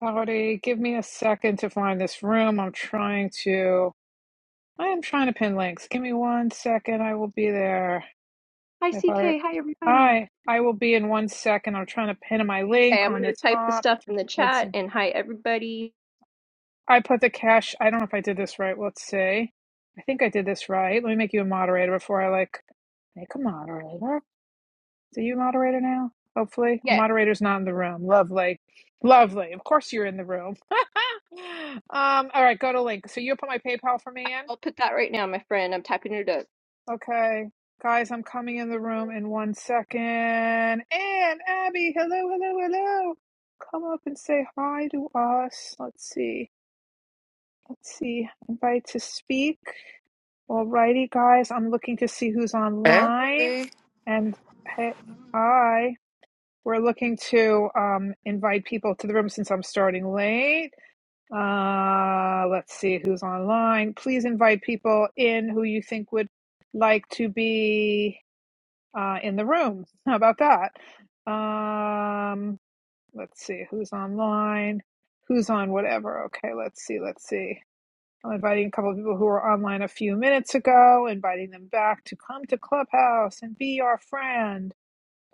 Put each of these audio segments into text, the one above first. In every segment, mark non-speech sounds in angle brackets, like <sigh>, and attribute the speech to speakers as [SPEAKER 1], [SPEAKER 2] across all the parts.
[SPEAKER 1] Howdy, give me a second to find this room. I'm trying to. I am trying to pin links. Give me one second. I will be there.
[SPEAKER 2] Hi,
[SPEAKER 1] If I,
[SPEAKER 2] CK. Hi, everybody.
[SPEAKER 1] I, I will be in one second. I'm trying to pin my
[SPEAKER 2] Okay,
[SPEAKER 1] link
[SPEAKER 2] I'm going
[SPEAKER 1] on the
[SPEAKER 2] to type the
[SPEAKER 1] top.
[SPEAKER 2] stuff in the
[SPEAKER 1] Let's
[SPEAKER 2] chat
[SPEAKER 1] see.
[SPEAKER 2] and hi, everybody.
[SPEAKER 1] I put the cash. I don't know if I did this right. Let's see. I think I did this right. Let me make you a moderator before I like make a moderator. Do you moderator now? Hopefully. The
[SPEAKER 2] Yeah,
[SPEAKER 1] moderator's not in the room. Lovely. Lovely. Of course you're in the room. <laughs> um, all right, go to link. So you'll put my PayPal for me in?
[SPEAKER 2] I'll put that right now, my friend. I'm typing it up.
[SPEAKER 1] Okay. Guys, I'm coming in the room in one second. And Abby, hello, hello, hello. Come up and say hi to us. Let's see. Let's see. Invite to speak. Alrighty, guys. I'm looking to see who's
[SPEAKER 3] Hey,
[SPEAKER 1] online. And hey, hi. We're looking to um, invite people to the room since I'm starting late. Uh, let's see who's online. Please invite people in who you think would like to be uh, in the room. How about that? Um, let's see who's online, who's on whatever. Okay, let's see, let's see. I'm inviting a couple of people who were online a few minutes ago, inviting them back to come to Clubhouse and be our friend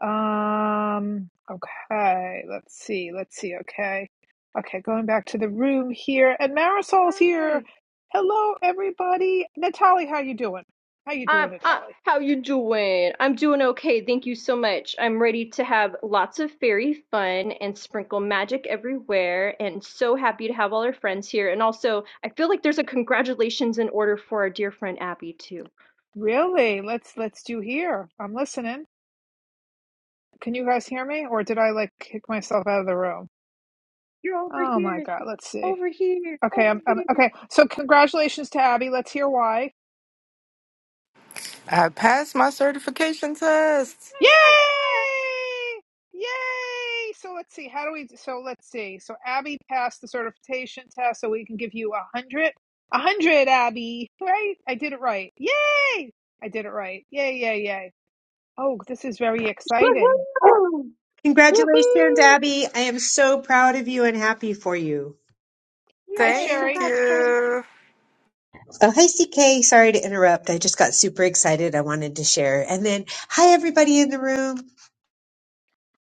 [SPEAKER 1] um, okay, let's see, let's see, okay. Okay, going back to the room here, and Marisol's here.
[SPEAKER 2] Hi.
[SPEAKER 1] Hello, everybody. Natalie, how you doing? How you doing,
[SPEAKER 2] Um, uh,
[SPEAKER 1] Natalie?
[SPEAKER 2] how you doing? I'm doing okay. Thank you so much. I'm ready to have lots of fairy fun and sprinkle magic everywhere and so happy to have all our friends here. And also, I feel like there's a congratulations in order for our dear friend Abby too.
[SPEAKER 1] Really? Let's let's do here. I'm listening. Can you guys hear me, or did I like kick myself out of the room?
[SPEAKER 2] You're over
[SPEAKER 1] Oh my
[SPEAKER 2] here.
[SPEAKER 1] God, let's see.
[SPEAKER 2] Over here.
[SPEAKER 1] Okay,
[SPEAKER 2] Over
[SPEAKER 1] I'm, I'm
[SPEAKER 2] here.
[SPEAKER 1] okay.
[SPEAKER 2] Yeah,
[SPEAKER 1] So congratulations to Abby. Let's hear why.
[SPEAKER 3] I passed my certification test.
[SPEAKER 1] Yay!
[SPEAKER 2] yeah,
[SPEAKER 1] Yay! So let's see. How do we? So let's see. So Abby passed the certification test, so we can give you a hundred. A hundred, Abby. Right? I did it right. Yay! I did it right. Yay! Yay! Yay! Oh, this is very exciting.
[SPEAKER 4] Woohoo! Congratulations,
[SPEAKER 1] Woohoo!
[SPEAKER 4] Abby. I am so proud of you and happy for you.
[SPEAKER 1] Hi,
[SPEAKER 2] yeah. Yay,
[SPEAKER 3] Thank
[SPEAKER 1] Sherry.
[SPEAKER 2] congrats, friend.
[SPEAKER 3] you.
[SPEAKER 4] Oh, hi, CK. Sorry to interrupt. I just got super excited. I wanted to share. And then, hi, everybody in the room.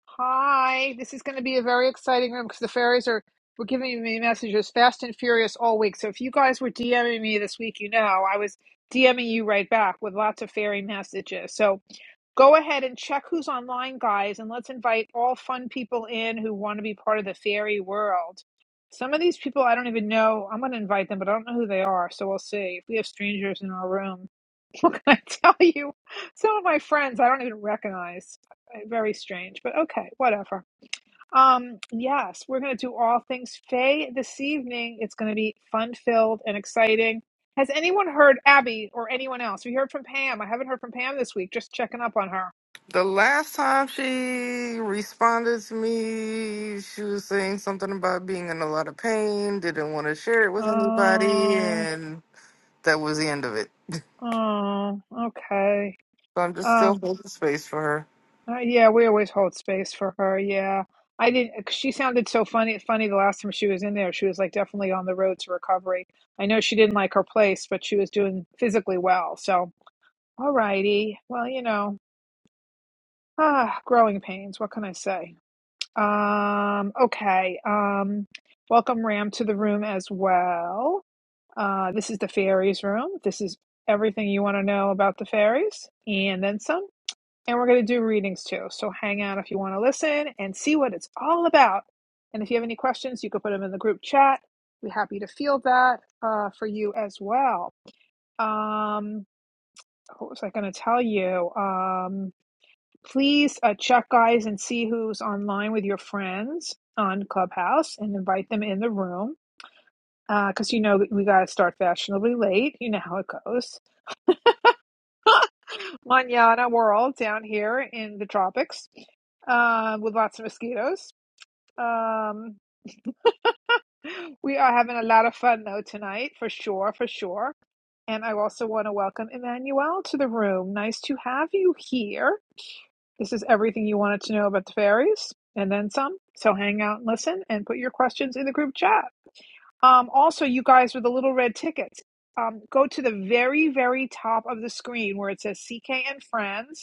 [SPEAKER 1] Hi. This is going to be a very exciting room because the fairies are. We're giving me messages fast and furious all week. So if you guys were DMing me this week, you know I was DMing you right back with lots of fairy messages. So Go ahead and check who's online, guys, and let's invite all fun people in who want to be part of the fairy world. Some of these people I don't even know. I'm going to invite them, but I don't know who they are, so we'll see. If we have strangers in our room, <laughs> what can I tell you? Some of my friends I don't even recognize. Uh, Very strange, but okay, whatever. Um, yes, we're going to do all things Fae this evening. It's going to be fun filled and exciting. Has anyone heard Abby or anyone else? We heard from Pam. I haven't heard from Pam this week. Just checking up on her.
[SPEAKER 3] The last time she responded to me, she was saying something about being in a lot of pain, didn't want to share it with anybody,
[SPEAKER 1] Oh,
[SPEAKER 3] and that was the end of it. <laughs>
[SPEAKER 1] oh, okay.
[SPEAKER 3] So I'm just still
[SPEAKER 1] Um,
[SPEAKER 3] holding space for her.
[SPEAKER 1] uh, yeah, we always hold space for her. Yeah, I didn't. uh, 'Cause She sounded so funny. Funny the last time she was in there, she was like definitely on the road to recovery. I know she didn't like her place, but she was doing physically well. So, all righty. Well, you know, ah, growing pains. What can I say? Um, okay. Um, welcome Ram to the room as well. Uh, this is the fairies room. This is everything you want to know about the fairies and then some. And we're going to do readings too. So hang out if you want to listen and see what it's all about. And if you have any questions, you can put them in the group chat. We're happy to field that uh, for you as well. Um, what was I going to tell you? Um, please uh, check, guys, and see who's online with your friends on Clubhouse and invite them in the room because uh, you know we got to start fashionably late. You know how it goes. Manana world down here in the tropics um, with lots of mosquitoes. Um, <gasps> we are having a lot of fun though tonight, for sure, for sure. And I also want to welcome Emmanuel to the room. Nice to have you here. This is everything you wanted to know about the fairies and then some. So hang out and listen and put your questions in the group chat. Um, also, you guys with the little red tickets, um, go to the very, very top of the screen where it says CK and Friends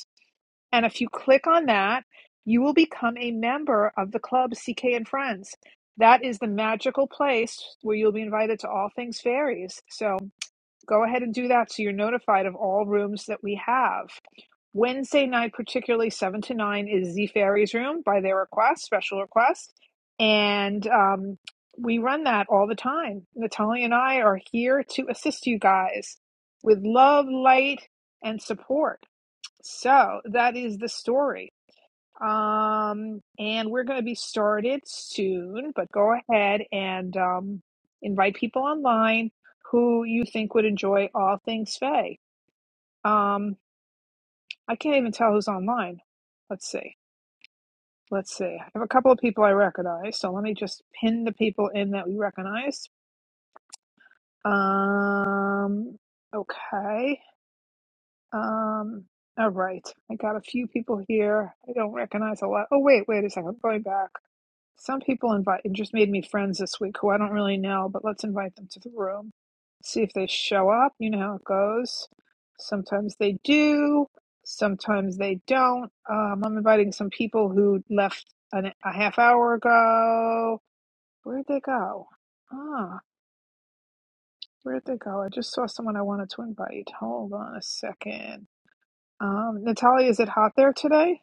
[SPEAKER 1] And if you click on that, you will become a member of the club CK and Friends. That is the magical place where you'll be invited to all things fairies. So go ahead and do that so you're notified of all rooms that we have. Wednesday night, particularly 7 to 9, is the fairies room by their request, special request. And um, we run that all the time. Natalia and I are here to assist you guys with love, light, and support. So that is the story. Um, and we're going to be started soon, but go ahead and um, invite people online who you think would enjoy all things Faye. Um, I can't even tell who's online. Let's see. Let's see. I have a couple of people I recognize, so let me just pin the people in that we recognize. Um, okay. Um, all right. I got a few people here. I don't recognize a lot. Oh, wait, wait a second. I'm going back. Some people invite. It just made me friends this week who I don't really know, but let's invite them to the room. See if they show up. You know how it goes. Sometimes they do, sometimes they don't. Um, I'm inviting some people who left an, a half hour ago. Where'd they go? Ah, where'd they go? I just saw someone I wanted to invite. Hold on a second. Um, Natalia, is it hot there today?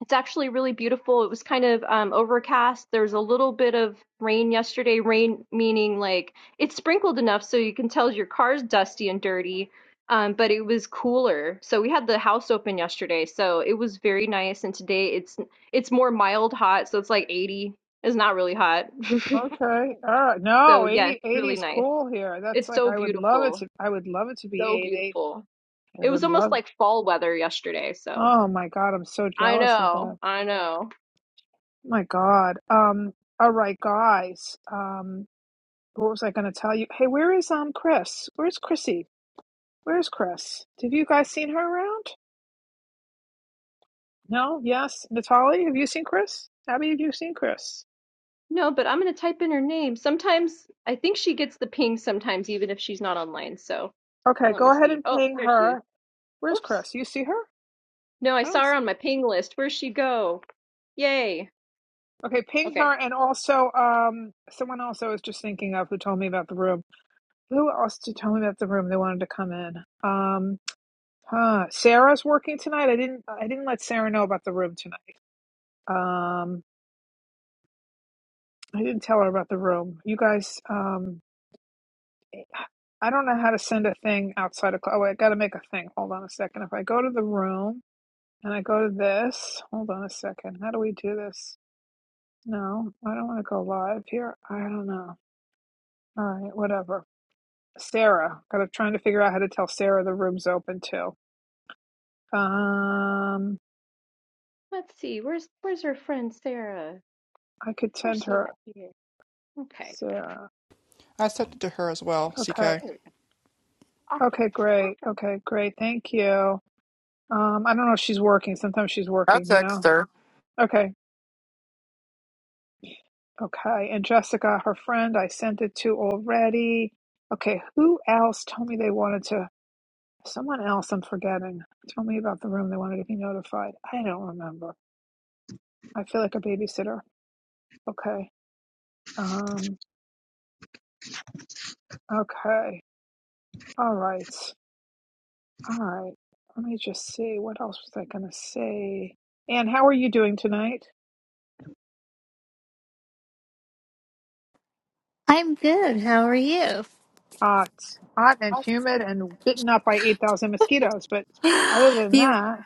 [SPEAKER 2] It's actually really beautiful. It was kind of um, overcast. There's a little bit of rain yesterday. Rain meaning like it sprinkled enough so you can tell your car's dusty and dirty, um, but it was cooler. So we had the house open yesterday, so it was very nice. And today it's it's more mild hot, so it's like 80. It's not really hot. <laughs>
[SPEAKER 1] Okay. All right.
[SPEAKER 2] So
[SPEAKER 1] No, 80,
[SPEAKER 2] yes,
[SPEAKER 1] eighty
[SPEAKER 2] really
[SPEAKER 1] is
[SPEAKER 2] nice.
[SPEAKER 1] cool here. That's
[SPEAKER 2] It's
[SPEAKER 1] like
[SPEAKER 2] so
[SPEAKER 1] I would love it
[SPEAKER 2] beautiful.
[SPEAKER 1] to I would love it to be
[SPEAKER 2] So
[SPEAKER 1] 80.
[SPEAKER 2] beautiful.
[SPEAKER 1] I
[SPEAKER 2] It was
[SPEAKER 1] would
[SPEAKER 2] almost
[SPEAKER 1] love it.
[SPEAKER 2] like fall weather yesterday. So
[SPEAKER 1] Oh my God, I'm so
[SPEAKER 2] I
[SPEAKER 1] jealous of
[SPEAKER 2] know,
[SPEAKER 1] that.
[SPEAKER 2] I know.
[SPEAKER 1] My God. Um, all right, guys. Um, what was I gonna tell you? Hey, where is um Chris? Where's Chrissy? Where's Chris? Have you guys seen her around? No? Yes? Natalie, have you seen Chris? Abby, have you seen Chris?
[SPEAKER 2] No, but I'm gonna type in her name. Sometimes I think she gets the ping sometimes, even if she's not online. So
[SPEAKER 1] Okay,
[SPEAKER 2] let me
[SPEAKER 1] go ahead
[SPEAKER 2] see.
[SPEAKER 1] and
[SPEAKER 2] Oh,
[SPEAKER 1] ping
[SPEAKER 2] there she is.
[SPEAKER 1] her. Where's
[SPEAKER 2] Whoops.
[SPEAKER 1] Chris? You see her?
[SPEAKER 2] No, I
[SPEAKER 1] I
[SPEAKER 2] saw
[SPEAKER 1] don't.
[SPEAKER 2] her on my ping list. Where'd she go? Yay.
[SPEAKER 1] Okay, ping her
[SPEAKER 2] Okay.
[SPEAKER 1] and also um someone else I was just thinking of who told me about the room. Who else did tell me about the room? They wanted to come in. Um huh. Sarah's working tonight. I didn't I didn't let Sarah know about the room tonight. Um I didn't tell her about the room. You guys um I don't know how to send a thing outside of cl- oh wait, I gotta make a thing. Hold on a second. If I go to the room and I go to this, hold on a second. How do we do this? No, I don't want to go live here. I don't know. All right, whatever. Sarah. Got to trying to figure out how to tell Sarah the room's open too. Um,
[SPEAKER 2] Let's see. Where's where's her friend Sarah?
[SPEAKER 1] I could
[SPEAKER 2] Where's
[SPEAKER 1] send
[SPEAKER 2] she
[SPEAKER 1] her
[SPEAKER 2] at here? Okay.
[SPEAKER 1] Sarah.
[SPEAKER 5] I sent it to her as well,
[SPEAKER 1] Okay.
[SPEAKER 5] CK.
[SPEAKER 2] Here we go. Awesome.
[SPEAKER 1] Okay, great.
[SPEAKER 2] Awesome.
[SPEAKER 1] Okay, great. Thank you. Um, I don't know if she's working. Sometimes she's
[SPEAKER 3] I
[SPEAKER 1] working, you
[SPEAKER 3] text
[SPEAKER 1] know.
[SPEAKER 3] her.
[SPEAKER 1] Okay. Okay. And Jessica, her friend, I sent it to already. Okay, who else told me they wanted to someone else I'm forgetting. Told me about the room they wanted to be notified. I don't remember. I feel like a babysitter. Okay. Um, okay. All right. All right. Let me just see. What else was I going to say? And how are you doing tonight?
[SPEAKER 6] I'm good. How are you?
[SPEAKER 1] Hot, hot and humid and bitten up by 8,000 mosquitoes. But other than
[SPEAKER 6] You,
[SPEAKER 1] that,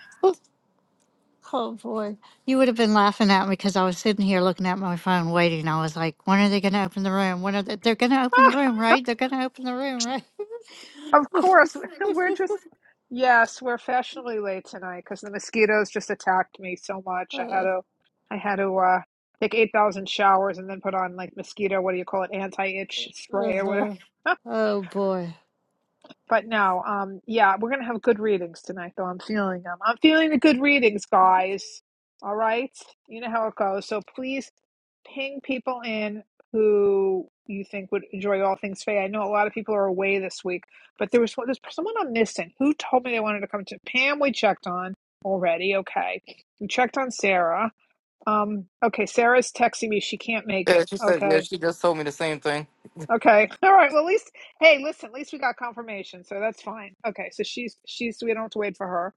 [SPEAKER 6] oh boy, you would have been laughing at me because I was sitting here looking at my phone waiting. I was like, when are they going to open the room? When are they? They're going to open the room,
[SPEAKER 1] <laughs>
[SPEAKER 6] right? They're going to open the room, right?
[SPEAKER 1] of course, <laughs> we're just,
[SPEAKER 6] <laughs>
[SPEAKER 1] yes, we're fashionably late tonight because the mosquitoes just attacked me so much. I had
[SPEAKER 6] oh,
[SPEAKER 1] to, I had to, uh, take 8,000 showers and then put on like mosquito, what do you call it? Anti-itch spray or whatever.
[SPEAKER 6] uh-huh.
[SPEAKER 1] <laughs>
[SPEAKER 6] oh boy.
[SPEAKER 1] But no, um, yeah, we're gonna have good readings tonight, though. I'm feeling them. I'm feeling the good readings, guys. All right, you know how it goes. So please ping people in who you think would enjoy all things Faye. I know a lot of people are away this week, but there was there's someone I'm missing. Who told me they wanted to come to Pam? We checked on already. Okay, we checked on Sarah. Um, okay, Sarah's texting me. She can't make
[SPEAKER 3] Yeah,
[SPEAKER 1] it.
[SPEAKER 3] she said, yeah,
[SPEAKER 1] Okay,
[SPEAKER 3] she just told me the same thing.
[SPEAKER 1] Okay. <laughs> All right. Well, at least, hey, listen, at least we got confirmation, so that's fine. Okay. So she's she's we don't have to wait for her.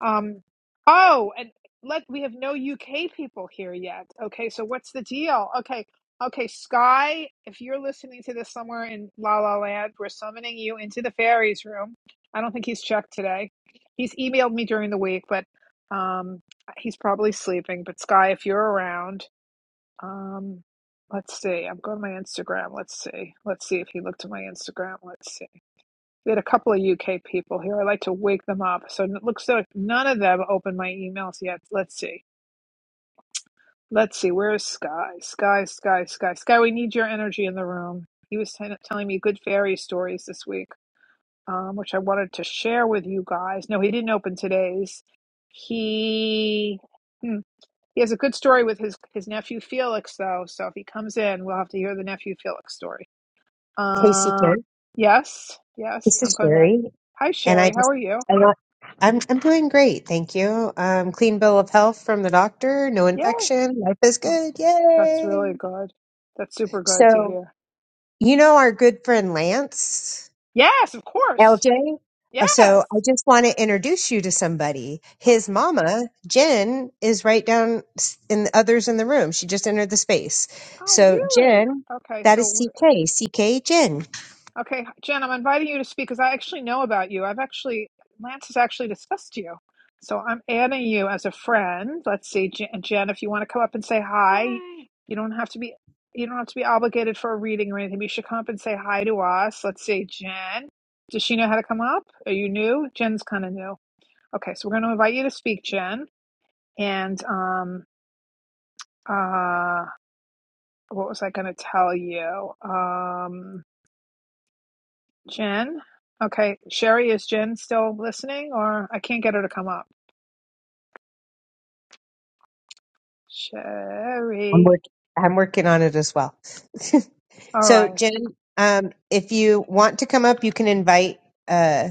[SPEAKER 1] Um. Oh, and let we have no UK people here yet. Okay. So what's the deal? Okay. Okay, Sky, if you're listening to this somewhere in La La Land, we're summoning you into the fairies room. I don't think he's checked today. He's emailed me during the week, but um, he's probably sleeping. But Sky, if you're around. Um, let's see. I'm going to my Instagram. Let's see. Let's see if he looked at my Instagram. Let's see. We had a couple of UK people here. I like to wake them up. So it looks like none of them opened my emails yet. Let's see. Let's see. Where is Sky? Sky, Sky, Sky, Sky. We need your energy in the room. He was t- telling me good fairy stories this week, um, which I wanted to share with you guys. No, he didn't open today's. He. hmm, he has a good story with his his nephew Felix, though. So if he comes in, we'll have to hear the nephew Felix story.
[SPEAKER 4] Hey, CK.
[SPEAKER 1] Um, yes, yes,
[SPEAKER 4] This
[SPEAKER 1] I'm
[SPEAKER 4] is
[SPEAKER 1] coming back.
[SPEAKER 4] Sherry.
[SPEAKER 1] Hi,
[SPEAKER 4] And I
[SPEAKER 1] Sherry. How
[SPEAKER 4] just,
[SPEAKER 1] are you?
[SPEAKER 4] I want, I'm, I'm doing great. Thank you. Um, clean bill of health from the doctor. No
[SPEAKER 1] Yay!
[SPEAKER 4] infection. Life is
[SPEAKER 1] Oh,
[SPEAKER 4] good.
[SPEAKER 1] that's
[SPEAKER 4] Yay.
[SPEAKER 1] really good. That's super good to
[SPEAKER 4] So,
[SPEAKER 1] hear.
[SPEAKER 4] you know, our good friend Lance.
[SPEAKER 1] Yes, of course.
[SPEAKER 4] LJ. Uh,
[SPEAKER 1] Yes.
[SPEAKER 4] So I just want to introduce you to somebody.
[SPEAKER 1] Okay.
[SPEAKER 4] His mama, Jen, is right down s- in the others in the room. She just entered the space.
[SPEAKER 1] Oh,
[SPEAKER 4] So
[SPEAKER 1] really?
[SPEAKER 4] Jen,
[SPEAKER 1] Okay.
[SPEAKER 4] that is
[SPEAKER 1] So
[SPEAKER 4] CK, CK Jen.
[SPEAKER 1] Okay, Jen, I'm inviting you to speak because I actually know about you. I've actually, Lance has actually discussed you. So I'm adding you as a friend. Let's see, Jen, Jen, if you want to come up and say hi,
[SPEAKER 2] Hi.
[SPEAKER 1] you don't have to be you don't have to be obligated for a reading or anything. but You should come up and say hi to us. Let's see, Jen. Does she know how to come up? Are you new? Jen's kind of new. Okay, so we're going to invite you to speak, Jen. And um uh what was I going to tell you? Um Jen? Okay. Sherry, is Jen still listening or I can't get her to come up?
[SPEAKER 4] I'm
[SPEAKER 1] Sherry.
[SPEAKER 4] work I'm working on it as well. <laughs>
[SPEAKER 1] All
[SPEAKER 4] so
[SPEAKER 1] right.
[SPEAKER 4] Jen, um, if you want to come up, you can invite. Uh,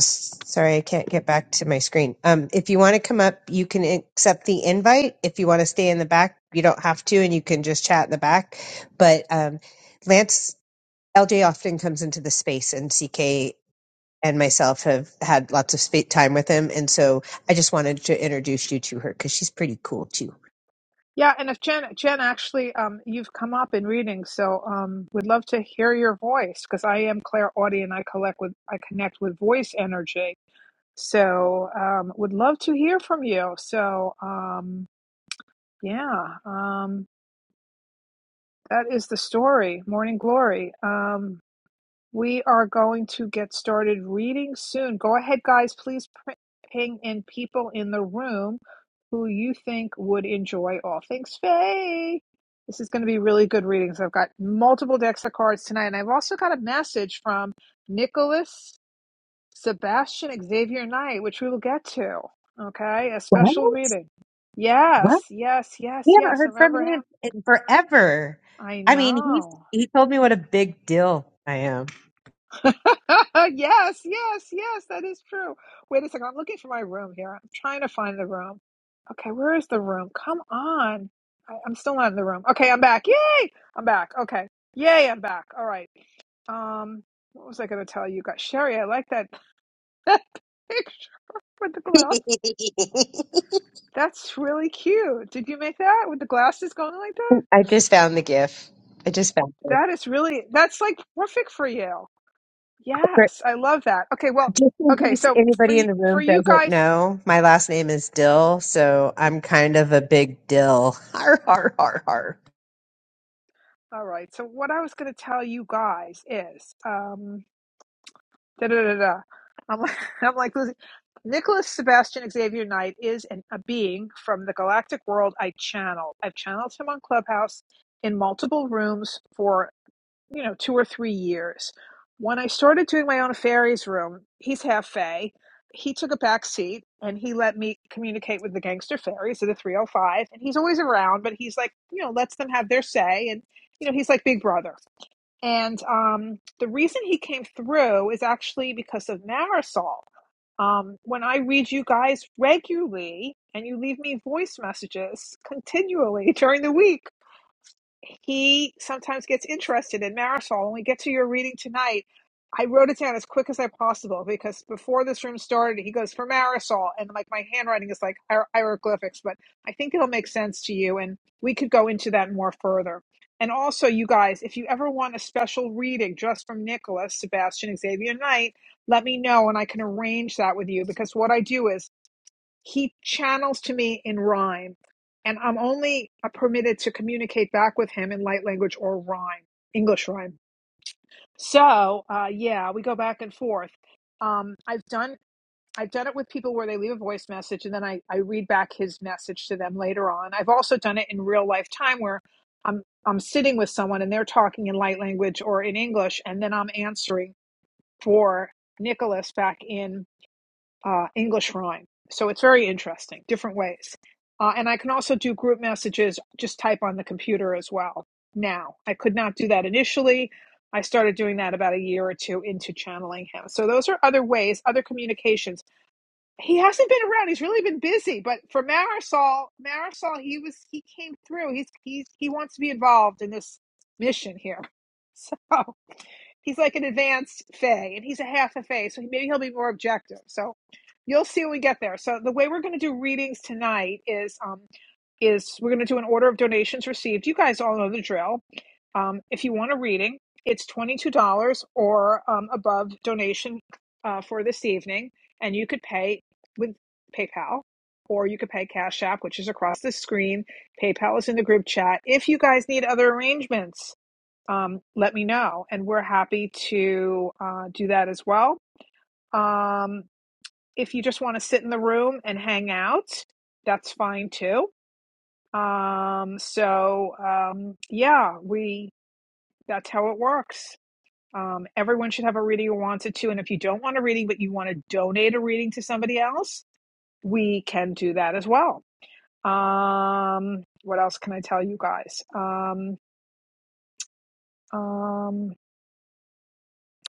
[SPEAKER 4] s- sorry, I can't get back to my screen. Um, if you want to come up, you can accept the invite. If you want to stay in the back, you don't have to, and you can just chat in the back. But um, Lance LJ often comes into the space, and CK and myself have had lots of spa- time with him, and so I just wanted to introduce you to her because she's pretty cool too.
[SPEAKER 1] Yeah, and if Jen Jen actually um you've come up in reading, so um would love to hear your voice because I am clairaudient. I collect with I connect with voice energy. So um would love to hear from you. So um yeah, um that is the story, Morning Glory. Um We are going to get started reading soon. Go ahead, guys. Please pr- ping in people in the room who you think would enjoy all things Faye. This is going to be really good readings. I've got multiple decks of cards tonight, and I've also got a message from Nicholas, Sebastian, Xavier Knight, which we will get to. Okay, a
[SPEAKER 4] What?
[SPEAKER 1] special reading.
[SPEAKER 4] What?
[SPEAKER 1] Yes, yes, yes,
[SPEAKER 4] We haven't
[SPEAKER 1] yes.
[SPEAKER 4] heard from
[SPEAKER 1] Remember him?
[SPEAKER 4] him in forever.
[SPEAKER 1] I
[SPEAKER 4] I mean, he's
[SPEAKER 1] know.
[SPEAKER 4] he told me what a big deal I am.
[SPEAKER 1] <laughs> yes, yes, yes, that is true. Wait a second. I'm looking for my room here. I'm trying to find the room. Okay, where is the room? Come on. I, I'm still not in the room. Okay, I'm back. Yay! I'm back. Okay. Yay, I'm back. All right. Um, what was I going to tell you guys? Sherry, I like that, <laughs> that picture with the glass.
[SPEAKER 4] <laughs>
[SPEAKER 1] That's really cute. Did you make that with the glasses going like that?
[SPEAKER 4] I just found the gif. I just found
[SPEAKER 1] That
[SPEAKER 4] it.
[SPEAKER 1] is really, that's like perfect for you. Yes, I love that. Okay, well,
[SPEAKER 4] Just in
[SPEAKER 1] okay,
[SPEAKER 4] case
[SPEAKER 1] so for
[SPEAKER 4] anybody
[SPEAKER 1] you,
[SPEAKER 4] in the
[SPEAKER 1] for
[SPEAKER 4] room
[SPEAKER 1] you
[SPEAKER 4] doesn't
[SPEAKER 1] guys
[SPEAKER 4] know, my last name is Dill, so I'm kind of a big Dill. <laughs> Har har har har.
[SPEAKER 1] All right. So what I was going to tell you guys is, um, da da da da. I'm like, <laughs> I'm like Lucy. Nicholas Sebastian Xavier Knight is an, a being from the galactic world I channeled. I've channeled him on Clubhouse in multiple rooms for, you know, two or three years. When I started doing my own fairies room, he's half fae. He took a back seat and he let me communicate with the gangster fairies of the 305. And he's always around, but he's like, you know, lets them have their say. And, you know, he's like Big Brother. And um, the reason he came through is actually because of Marisol. Um, when I read you guys regularly and you leave me voice messages continually <laughs> during the week, he sometimes gets interested in Marisol. When we get to your reading tonight, I wrote it down as quick as I possible because before this room started, he goes for Marisol, and like my handwriting is like hier- hieroglyphics, but I think it'll make sense to you, and we could go into that more further. And also, you guys, if you ever want a special reading just from Nicholas, Sebastian, Xavier Knight, let me know, and I can arrange that with you because what I do is he channels to me in rhyme and i'm only uh, permitted to communicate back with him in light language or rhyme english rhyme so uh, yeah we go back and forth um, i've done i've done it with people where they leave a voice message and then I, I read back his message to them later on i've also done it in real life time where i'm i'm sitting with someone and they're talking in light language or in english and then i'm answering for nicholas back in uh, English rhyme. So it's very interesting, different ways. Uh, and I can also do group messages, just type on the computer as well now. I could not do that initially. I started doing that about a year or two into channeling him. So those are other ways, other communications. He hasn't been around. He's really been busy. But for Marisol, Marisol, he was he came through. He's he's he wants to be involved in this mission here. <laughs> So he's like an advanced Fey, and he's a half a Fey, so maybe he'll be more objective. So you'll see when we get there. So the way we're going to do readings tonight is um, is we're going to do an order of donations received. You guys all know the drill. Um, if you want a reading, it's twenty two dollars or um, above donation uh, for this evening, and you could pay with PayPal. Or you could pay Cash App, which is across the screen. PayPal is in the group chat. If you guys need other arrangements, um, let me know. And we're happy to uh, do that as well. Um, if you just want to sit in the room and hang out, that's fine too. Um, so, um, yeah, we that's how it works. Um, everyone should have a reading who wanted to. And if you don't want a reading, but you want to donate a reading to somebody else, we can do that as well. Um, what else can I tell you guys? Um, um,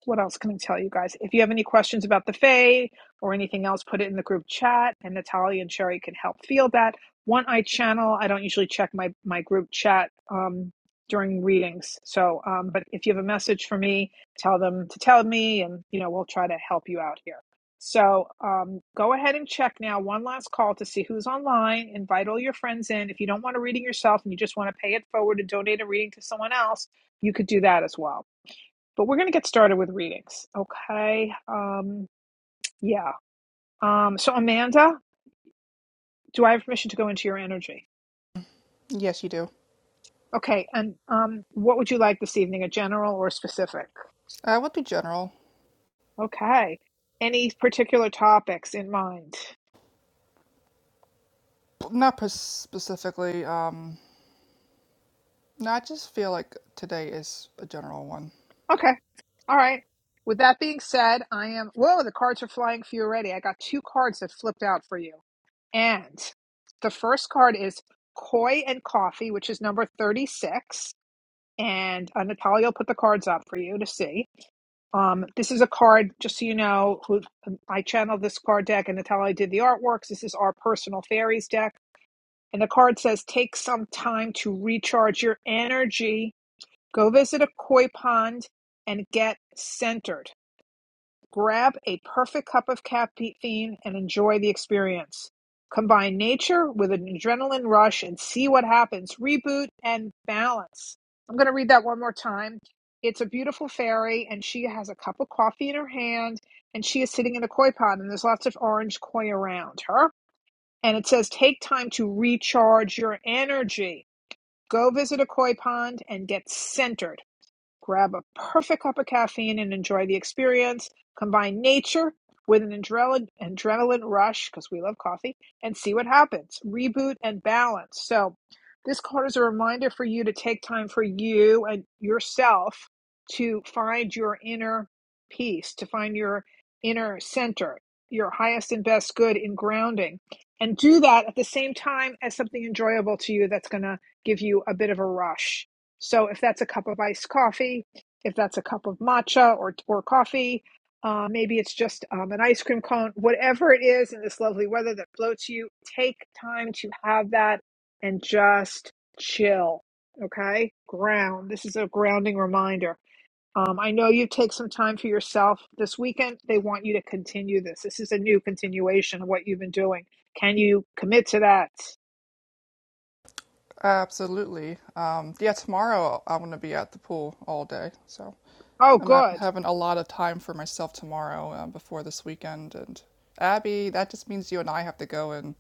[SPEAKER 1] what else can I tell you guys? If you have any questions about the Fae or anything else, put it in the group chat, and Natalia and Sherry can help field that. One Eye Channel, I don't usually check my my group chat um, during readings, so um, but if you have a message for me, tell them to tell me, and you know we'll try to help you out here. So um, go ahead and check now. One last call to see who's online. Invite all your friends in. If you don't want a reading yourself and you just want to pay it forward and donate a reading to someone else, you could do that as well but we're going to get started with readings. Okay. Um, yeah. Um, so, Amanda, do I have permission to go into your energy?
[SPEAKER 5] Yes, you do.
[SPEAKER 1] Okay. And um, what would you like this evening, a general or specific?
[SPEAKER 5] I would be general,
[SPEAKER 1] Okay. Any particular topics in mind?
[SPEAKER 5] not pers- specifically. Um, no, I just feel like today is a general one.
[SPEAKER 1] Okay. All right. With that being said, I am. Whoa, the cards are flying for you already. I got two cards that flipped out for you. And the first card is Koi and Coffee, which is number 36. And uh, Natalia will put the cards up for you to see. Um, this is a card, just so you know, who um, I channeled this card deck and Natalia did the artworks. This is our personal fairies deck. And the card says, take some time to recharge your energy. Go visit a koi pond and get centered. Grab a perfect cup of caffeine and enjoy the experience. Combine nature with an adrenaline rush and see what happens. Reboot and balance. I'm going to read that one more time. It's a beautiful fairy, and she has a cup of coffee in her hand, and she is sitting in a koi pond, and there's lots of orange koi around her. And it says, Take time to recharge your energy. Go visit a koi pond and get centered. Grab a perfect cup of caffeine and enjoy the experience. Combine nature with an adrenaline, adrenaline rush, because we love coffee, and see what happens. Reboot and balance. So, this card is a reminder for you to take time for you and yourself to find your inner peace, to find your inner center, your highest and best good in grounding. And do that at the same time as something enjoyable to you that's going to give you a bit of a rush. So if that's a cup of iced coffee, if that's a cup of matcha or or coffee, uh, maybe it's just um, an ice cream cone. Whatever it is in this lovely weather that floats you, take time to have that and just chill. Okay, ground. This is a grounding reminder. Um, I know you take some time for yourself this weekend. They want you to continue this. This is a new continuation of what you've been doing. Can you commit to that?
[SPEAKER 5] Absolutely. Um, yeah, tomorrow I'm going to be at the pool all day, so
[SPEAKER 1] Oh,
[SPEAKER 5] I'm not
[SPEAKER 1] good.
[SPEAKER 5] having a lot of time for myself tomorrow uh, before this weekend. And Abby, that just means you and I have to go and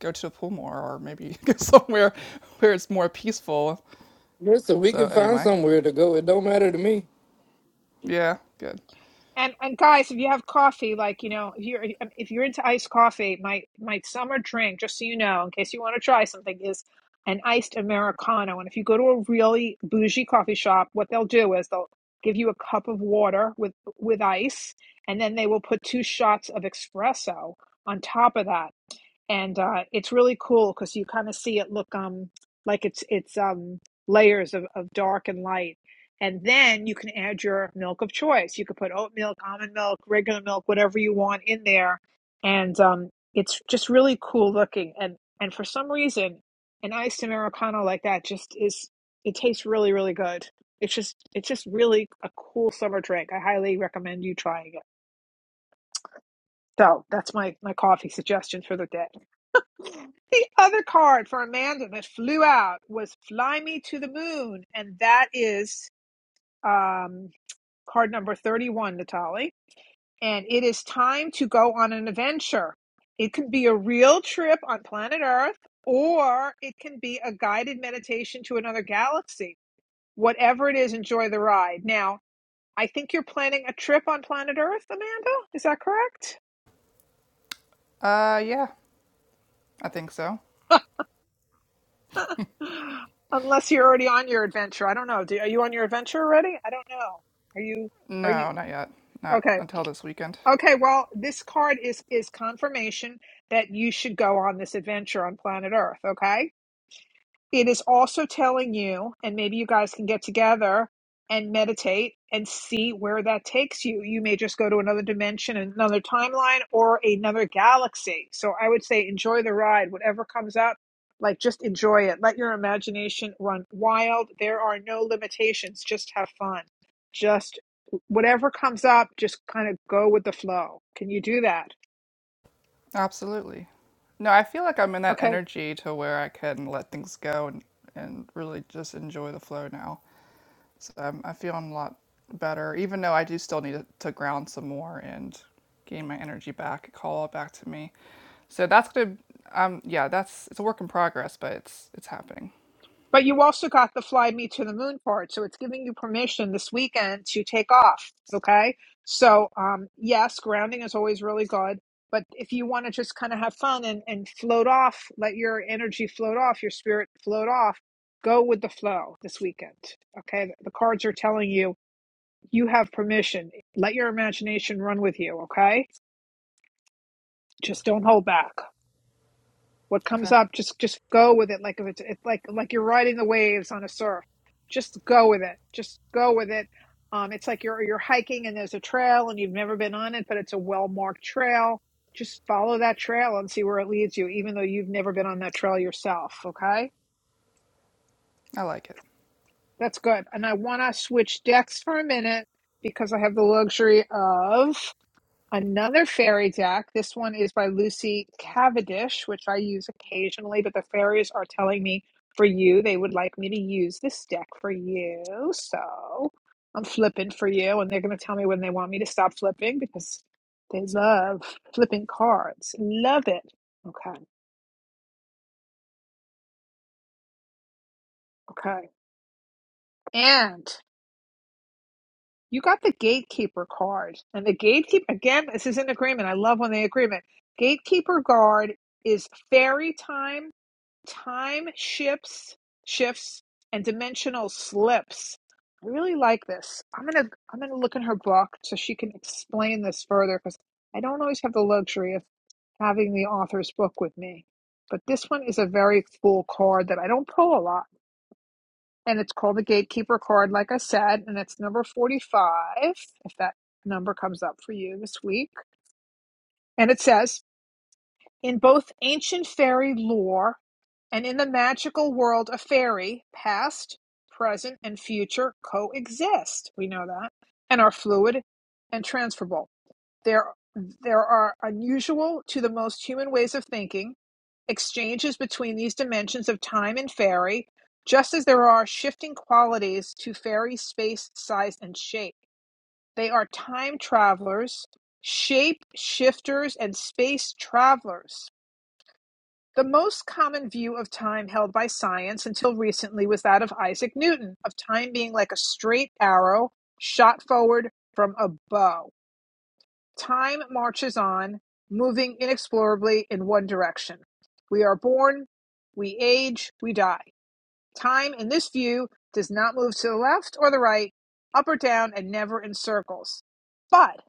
[SPEAKER 5] go to the pool more, or maybe <laughs> go somewhere where it's more peaceful.
[SPEAKER 3] Listen, we
[SPEAKER 5] So
[SPEAKER 3] can find
[SPEAKER 5] anyway,
[SPEAKER 3] somewhere to go. It don't matter to me.
[SPEAKER 5] yeah, good.
[SPEAKER 1] And and guys, if you have coffee, like you know, if you're if you're into iced coffee, my my summer drink, just so you know, in case you want to try something, is an iced americano. And if you go to a really bougie coffee shop, what they'll do is they'll give you a cup of water with with ice, and then they will put two shots of espresso on top of that and uh, it's really cool because you kind of see it look um like it's it's um layers of, of dark and light and then you can add your milk of choice you could put oat milk almond milk regular milk whatever you want in there and um it's just really cool looking and and for some reason an iced americano like that just is it tastes really really good it's just it's just really a cool summer drink i highly recommend you trying it so that's my my coffee suggestion for the day the other card for Amanda that flew out was Fly Me to the Moon, and that is um, card number 31, Natalie. And it is time to go on an adventure. It could be a real trip on planet Earth, or it can be a guided meditation to another galaxy. Whatever it is, enjoy the ride. Now, I think you're planning a trip on planet Earth, Amanda. Is that correct?
[SPEAKER 5] Uh, yeah, I think so.
[SPEAKER 1] Unless you're already on your adventure. I don't know. Do, are you on your adventure already? I don't know. Are you are you
[SPEAKER 5] No, not yet. Not
[SPEAKER 1] okay.
[SPEAKER 5] until this weekend.
[SPEAKER 1] Okay, well, this card is is confirmation that you should go on this adventure on planet Earth, okay? It is also telling you, and maybe you guys can get together and meditate and see where that takes you. You may just go to another dimension, another timeline, or another galaxy. So I would say enjoy the ride, whatever comes up. Like, just enjoy it. Let your imagination run wild. There are no limitations. Just have fun. Just whatever comes up, just kind of go with the flow. Can you do that?
[SPEAKER 5] Absolutely. No, I feel like I'm in that
[SPEAKER 1] Okay.
[SPEAKER 5] energy to where I can let things go and, and really just enjoy the flow now. So I'm, I feel I'm a lot better, even though I do still need to, to ground some more and gain my energy back, call it back to me. So that's gonna, um, yeah, that's it's a work in progress, but it's it's happening.
[SPEAKER 1] But you also got the fly me to the moon part, so it's giving you permission this weekend to take off. Okay, so um, yes, grounding is always really good. But if you want to just kind of have fun and, and float off, let your energy float off, your spirit float off, go with the flow this weekend. Okay, the cards are telling you you have permission. Let your imagination run with you. Okay, just don't hold back. what
[SPEAKER 5] Okay,
[SPEAKER 1] comes up just just go with it like if it's, it's like like you're riding the waves on a surf just go with it just go with it um it's like you're you're hiking and there's a trail and you've never been on it but it's a well marked trail just follow that trail and see where it leads you even though you've never been on that trail yourself okay
[SPEAKER 5] I like it.
[SPEAKER 1] that's good and i want to switch decks for a minute because i have the luxury of Another fairy deck. This one is by Lucy Cavendish, which I use occasionally, but the fairies are telling me for you, they would like me to use this deck for you. So I'm flipping for you, and they're going to tell me when they want me to stop flipping because they love flipping cards. Love it. Okay. Okay. And you got the gatekeeper card. And the gatekeeper, again, this is an agreement. I love when they agreement. Gatekeeper guard is fairy time Time shifts, shifts, and dimensional slips. I really like this. I'm gonna I'm gonna look in her book so she can explain this further because I don't always have the luxury of having the author's book with me. But this one is a very cool card that I don't pull a lot. And it's called the Gatekeeper card, like I said, and it's number 45, if that number comes up for you this week. And it says In both ancient fairy lore And in the magical world of fairy, past, present, and future coexist. We know that. And are fluid and transferable. There, there are unusual to the most human ways of thinking, exchanges between these dimensions of time and fairy, just as there are shifting qualities to fairy space, size, and shape. They are time travelers, shape shifters, and space travelers the most common view of time held by science until recently was that of Isaac Newton, of time being like a straight arrow shot forward from a bow. Time marches on, moving inexorably in one direction. We are born, we age, we die. Time in this view does not move to the left or the right, up or down, and never in circles. But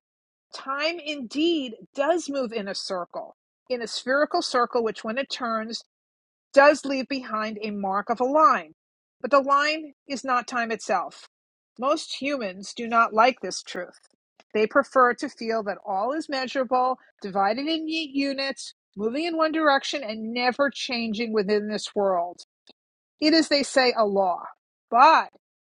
[SPEAKER 1] time indeed does move in a circle, in a spherical circle, which when it turns, does leave behind a mark of a line, but the line is not time itself. Most humans do not like this truth. They prefer to feel that all is measurable, divided in units, moving in one direction, and never changing within this world. It is, they say, a law. But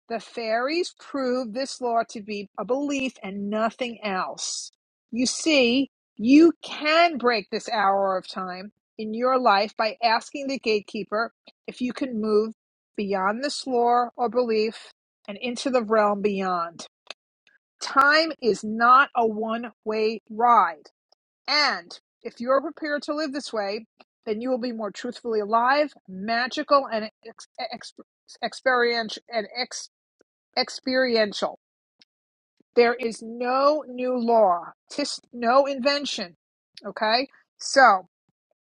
[SPEAKER 1] the fairies proved this law to be a belief and nothing else. You see, you can break this hour of time in your life by asking the gatekeeper if you can move beyond this law or belief and into the realm beyond. Time is not a one way ride. And if you are prepared to live this way, then you will be more truthfully alive, magical, and ex- ex- experiential. And ex- experiential. There is no new law, tis no invention. Okay, so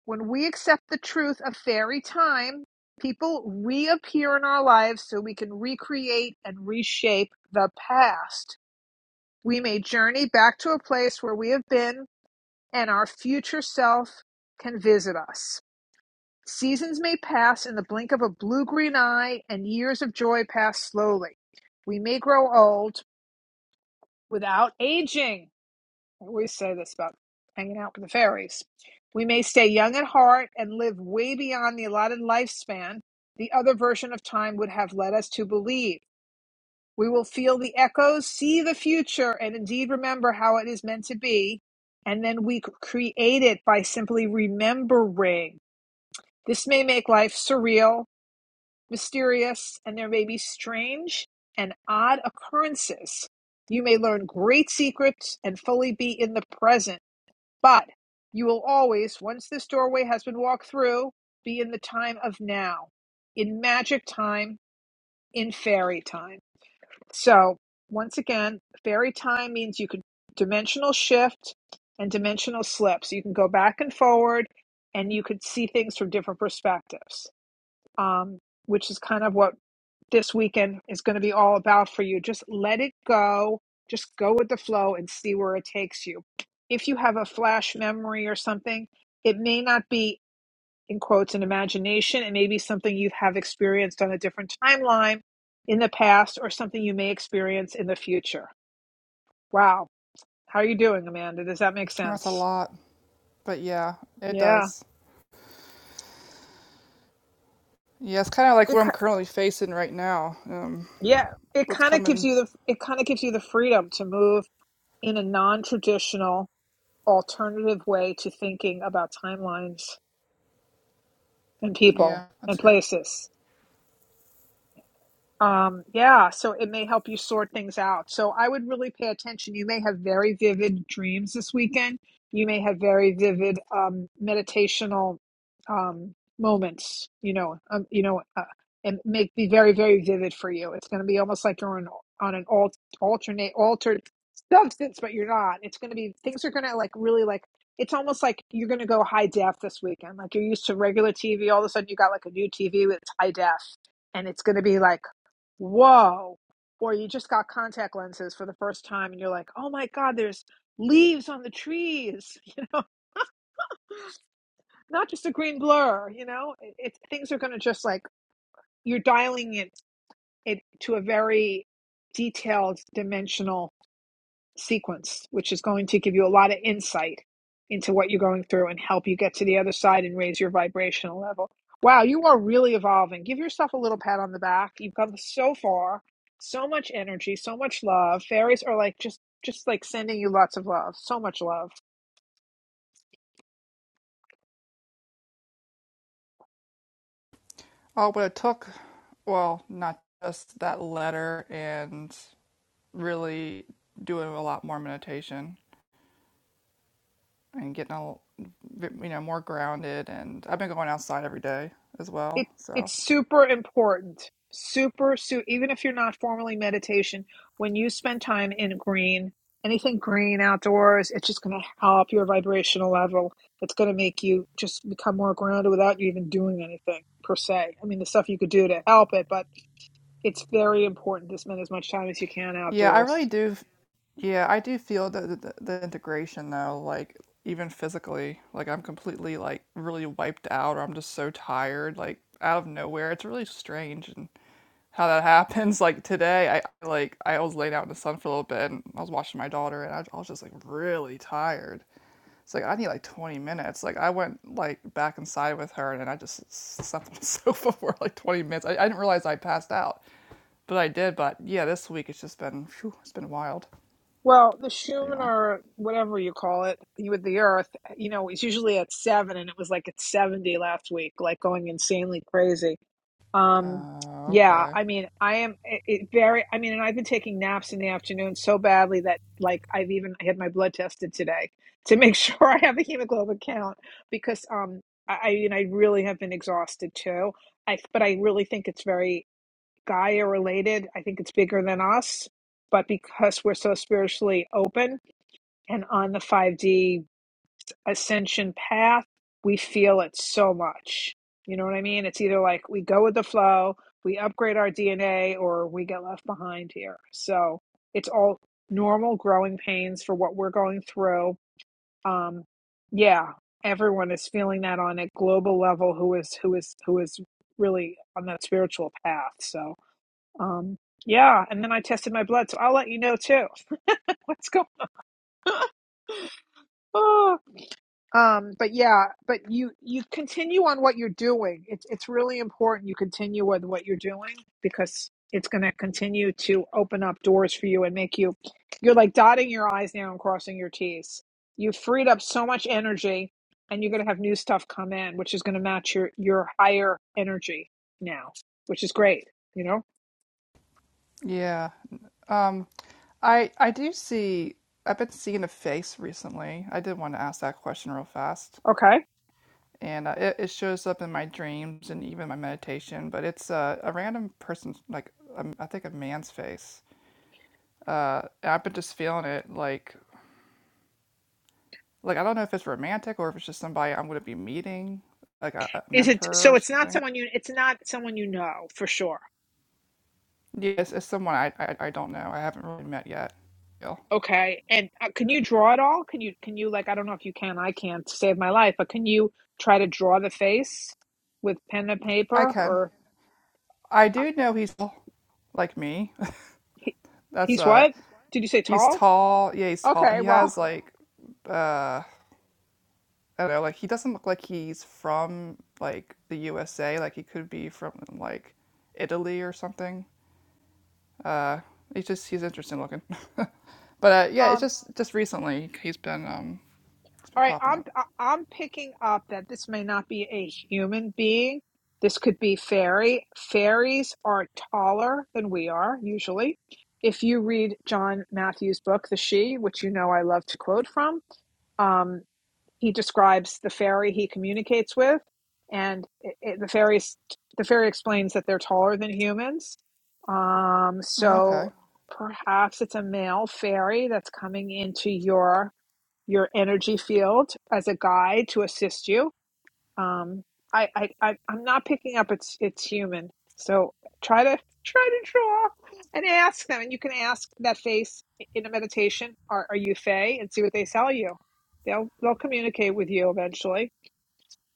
[SPEAKER 1] when we accept the truth of fairy time, people reappear in our lives so we can recreate and reshape the past. We may journey back to a place where we have been and our future self can visit us. Seasons may pass in the blink of a blue green eye, and years of joy pass slowly. We may grow old without aging. I always say this about hanging out with the fairies. We may stay young at heart and live way beyond the allotted lifespan the other version of time would have led us to believe. We will feel the echoes, see the future, and indeed remember how it is meant to be. And then we create it by simply remembering. This may make life surreal, mysterious, and there may be strange and odd occurrences. You may learn great secrets and fully be in the present, but you will always, once this doorway has been walked through, be in the time of now, in magic time, in fairy time. So, once again, fairy time means you can dimensional shift and dimensional slip. So you can go back and forward and you could see things from different perspectives, um, which is kind of what this weekend is going to be all about for you. Just let it go, just go with the flow and see where it takes you. If you have a flash memory or something, it may not be in quotes an imagination and maybe something you have experienced on a different timeline in the past or something you may experience in the future wow how are you doing amanda does that make
[SPEAKER 5] Well, That's a
[SPEAKER 1] sense
[SPEAKER 5] lot, but yeah, it
[SPEAKER 1] yeah
[SPEAKER 5] does. Yeah, it's kind of like
[SPEAKER 1] it,
[SPEAKER 5] what I'm currently facing right now. Um,
[SPEAKER 1] yeah it
[SPEAKER 5] what's
[SPEAKER 1] kind of
[SPEAKER 5] coming
[SPEAKER 1] gives you the it kind of gives you the freedom to move in a non-traditional alternative way to thinking about timelines and
[SPEAKER 5] Yeah,
[SPEAKER 1] people and
[SPEAKER 5] that's it.
[SPEAKER 1] places Um, yeah, so it may help you sort things out. So I would really pay attention. You may have very vivid dreams this weekend. You may have very vivid um, meditational um, moments. You know, um, you know, uh, and make be very, very vivid for you. It's going to be almost like you're on on an alt, alternate altered substance, but you're not. It's going to be things are going to like really like. It's almost like you're going to go high def this weekend. Like you're used to regular TV, all of a sudden you got like a new TV with high def and it's going to be like whoa or you just got contact lenses for the first time and you're like oh my god there's leaves on the trees <laughs> you know not just a green blur you know it, it, things are going to just like you're dialing it, it to a very detailed dimensional sequence, which is going to give you a lot of insight into what you're going through and help you get to the other side and raise your vibrational level. Wow, you are really evolving. Give yourself a little pat on the back. You've come so far, so much energy, so much love. Fairies are like just just like sending you lots of love, so much love.
[SPEAKER 5] Oh, but it took, well, not just that letter and really doing a lot more meditation and getting, a, you know, more grounded. And I've been going outside every day as well.
[SPEAKER 1] it
[SPEAKER 5] So,
[SPEAKER 1] it's super important super super. even if you're not formally meditation when you spend time in green anything green outdoors it's just going to help your vibrational level it's going to make you just become more grounded without you even doing anything per se i mean the stuff you could do to help it but it's very important to spend as much time as you can
[SPEAKER 5] yeah, I
[SPEAKER 1] outdoors
[SPEAKER 5] really do. Yeah, I do feel the, the, the integration though, like even physically, like I'm completely like really wiped out or I'm just so tired, like out of nowhere. It's really strange. and. how that <laughs> happens. Like today, I like I was laying out in the sun for a little bit, and I was watching my daughter, and I, I was just like really tired. It's like I need like 20 minutes. Like I went like back inside with her, and I just slept on the <laughs> sofa for like 20 minutes. I, I didn't realize I passed out, but I did. But yeah, this week it's just been phew, it's been wild.
[SPEAKER 1] Well, the Shun
[SPEAKER 5] Anyway,
[SPEAKER 1] or whatever you call it, you with the Earth, you know, it's usually at seven, and it was like at seventy last week, like going insanely crazy. Um,
[SPEAKER 5] uh,
[SPEAKER 1] yeah,
[SPEAKER 5] okay,
[SPEAKER 1] I mean, I am it, it very. I mean, and I've been taking naps in the afternoon so badly that like I've even I had my blood tested today to make <laughs> sure I have a hemoglobin count because um I I- you know I really have been exhausted too. I but I really think it's very. Gaia related. I think it's bigger than us, but because we're so spiritually open and on the 5D ascension path, we feel it so much. You know what I mean? It's either like we go with the flow, we upgrade our DNA, or we get left behind here. So it's all normal growing pains for what we're going through. Um, yeah, everyone is feeling that on a global level who is who is who is really on that spiritual path. So um, yeah, and then I tested my blood, so I'll let you know too. <laughs> What's going on? Um, but yeah, but you you continue on what you're doing. It's it's really important you continue with what you're doing because it's going to continue to open up doors for you and make you you're like dotting your i's now and crossing your t's. You've freed up so much energy and you're going to have new stuff come in which is going to match your your higher energy now, which is great, you know?
[SPEAKER 5] yeah. Um, I I do see. I've been seeing a face recently. I did want to ask that question real fast.
[SPEAKER 1] Okay.
[SPEAKER 5] and uh, it, it shows up in my dreams and even my meditation but it's uh, a random person's like um, i think a man's face uh, and i've been just feeling it like like i don't know if it's romantic or if it's just somebody i'm going to be meeting like a, a
[SPEAKER 1] Is it
[SPEAKER 5] mentor
[SPEAKER 1] so?
[SPEAKER 5] or
[SPEAKER 1] It's not
[SPEAKER 5] something
[SPEAKER 1] someone you. It's not someone you know for sure.
[SPEAKER 5] yes it's, it's someone I, I i don't know i haven't really met yet yeah.
[SPEAKER 1] Okay, and uh, can you draw it all? Can you? Can you like? I don't know if you can. I can't save my life, but can you try to draw the face with pen and
[SPEAKER 5] i
[SPEAKER 1] paper?
[SPEAKER 5] can
[SPEAKER 1] Or
[SPEAKER 5] i
[SPEAKER 1] uh,
[SPEAKER 5] do know he's tall, like me <laughs>
[SPEAKER 1] he,
[SPEAKER 5] that's
[SPEAKER 1] he's
[SPEAKER 5] uh
[SPEAKER 1] what? Did you say
[SPEAKER 5] he's
[SPEAKER 1] tall?
[SPEAKER 5] tall yeah he's tall
[SPEAKER 1] Okay,
[SPEAKER 5] he
[SPEAKER 1] well,
[SPEAKER 5] has like uh I don't know, like he doesn't look like he's from like the USA. Like he could be from like Italy or something. Uh, he's just he's interesting looking. <laughs> but uh, yeah, it's
[SPEAKER 1] um,
[SPEAKER 5] just just recently he's been um he's been
[SPEAKER 1] All right,
[SPEAKER 5] popping
[SPEAKER 1] I'm
[SPEAKER 5] up.
[SPEAKER 1] I- I'm picking up that this may not be a human being. This could be fairy. Fairies are taller than we are usually. If you read John Matthews' book, The She, which you know I love to quote from, um, he describes the fairy he communicates with, and it, it, the fairies the fairy explains that they're taller than humans. Um,
[SPEAKER 5] Yeah,
[SPEAKER 1] so
[SPEAKER 5] Okay,
[SPEAKER 1] perhaps it's a male fairy that's coming into your your energy field as a guide to assist you. Um, I, I, I I'm not picking up it's it's human. So try to try to draw and ask them, and you can ask that face in a meditation, "Are are you Fey?" and see what they tell you. They'll they'll communicate with you eventually.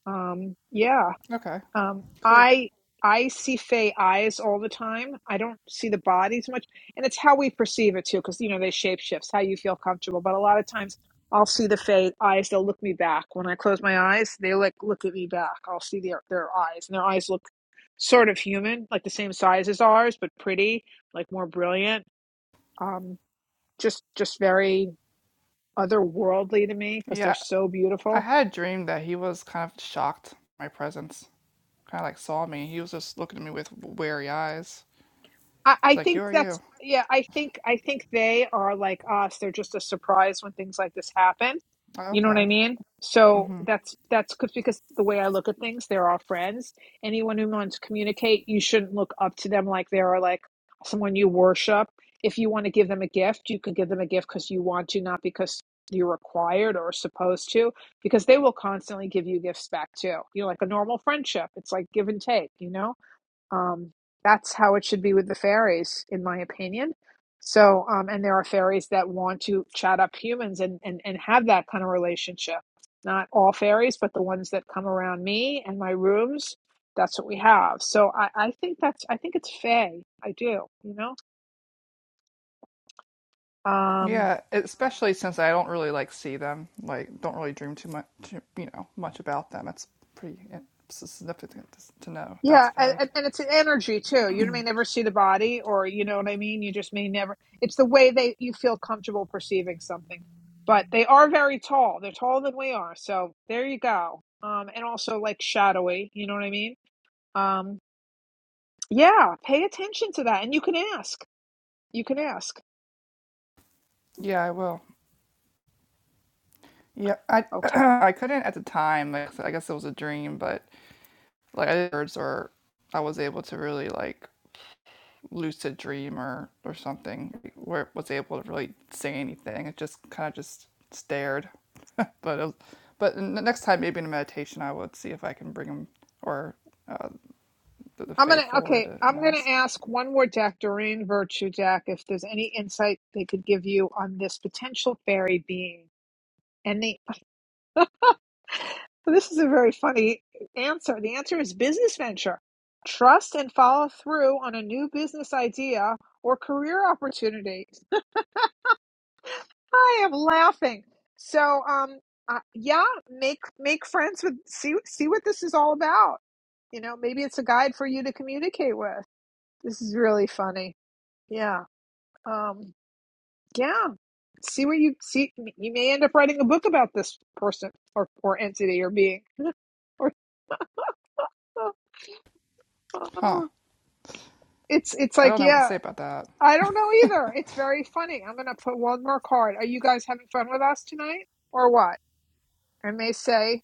[SPEAKER 1] Um, yeah,
[SPEAKER 5] okay,
[SPEAKER 1] um,
[SPEAKER 5] cool.
[SPEAKER 1] I I see fey eyes all the time. I don't see the bodies much, and it's how we perceive it too, because you know they shape shifts how you feel comfortable. But a lot of times, I'll see the fey eyes. They'll look me back when I close my eyes. They like look at me back. I'll see their their eyes, and their eyes look sort of human, like the same size as ours, but pretty, like more brilliant. Um, just just very otherworldly to me because they're
[SPEAKER 5] Yeah,
[SPEAKER 1] so beautiful
[SPEAKER 5] I had a dream that he was kind of shocked at my presence. Kind of like saw me. He was just looking at me with wary eyes.
[SPEAKER 1] I,
[SPEAKER 5] It's
[SPEAKER 1] I
[SPEAKER 5] like, who
[SPEAKER 1] think
[SPEAKER 5] are you?
[SPEAKER 1] that's yeah. I think I think they are like us. They're just a surprise when things like this happen.
[SPEAKER 5] Oh,
[SPEAKER 1] You know what
[SPEAKER 5] okay.
[SPEAKER 1] I mean? So
[SPEAKER 5] Mm-hmm.
[SPEAKER 1] that's that's 'cause- because the way I look at things, they're our friends. Anyone who wants to communicate, you shouldn't look up to them like they are like someone you worship. If you want to give them a gift, you can give them a gift because you want to, not because you're required or supposed to, because they will constantly give you gifts back too. You know, like a normal friendship, it's like give and take. You know. Um, that's how it should be with the fairies, in my opinion. So, um, and there are fairies that want to chat up humans and, and, and have that kind of relationship. Not all fairies, but the ones that come around me and my rooms, that's what we have. So I, I think that's, I think it's fae. I do, you know? Um,
[SPEAKER 5] Yeah, especially since I don't really like see them. Like, don't really dream too much, you know, much about them. It's pretty it's significant to- know. That's
[SPEAKER 1] Yeah, and,
[SPEAKER 5] very.
[SPEAKER 1] and and it's an energy too. You may never see the body, or you know what I mean. You just may never. It's the way they you feel comfortable perceiving something. But they are very tall. They're taller than we are. So there you go. Um, and also like shadowy. You know what I mean? Um, yeah. Pay attention to that, and you can ask. You can ask.
[SPEAKER 5] Yeah, I will. Yeah, I <clears throat>
[SPEAKER 1] Okay,
[SPEAKER 5] I couldn't at the time. Like, I guess it was a dream, but like I did birds or I was able to really like lucid dream or or something like, where it was able to really say anything. It just kind of just stared. But it was, but the next time maybe in a meditation I would see if I can bring them or uh, to the
[SPEAKER 1] I'm
[SPEAKER 5] Fae
[SPEAKER 1] gonna.
[SPEAKER 5] forward
[SPEAKER 1] Okay,
[SPEAKER 5] and
[SPEAKER 1] I'm gonna
[SPEAKER 5] ask.
[SPEAKER 1] ask one more deck, Doreen Virtue deck, if there's any insight they could give you on this potential fairy being. any. So this is a very funny answer. The answer is business venture. Trust and follow through on a new business idea or career opportunity. I am laughing. So, um, uh, yeah, make make friends with see see what this is all about. You know, maybe it's a guide for you to communicate with. This is really funny. Yeah. Um, yeah. See what you see. You may end up writing a book about this person or or entity or being. <laughs> or. <laughs>
[SPEAKER 5] Huh.
[SPEAKER 1] It's it's
[SPEAKER 5] I
[SPEAKER 1] like,
[SPEAKER 5] don't know what to
[SPEAKER 1] yeah,
[SPEAKER 5] say about that.
[SPEAKER 1] I don't know either. It's very funny. I'm gonna put one more card. Are you guys having fun with us tonight or what? And they say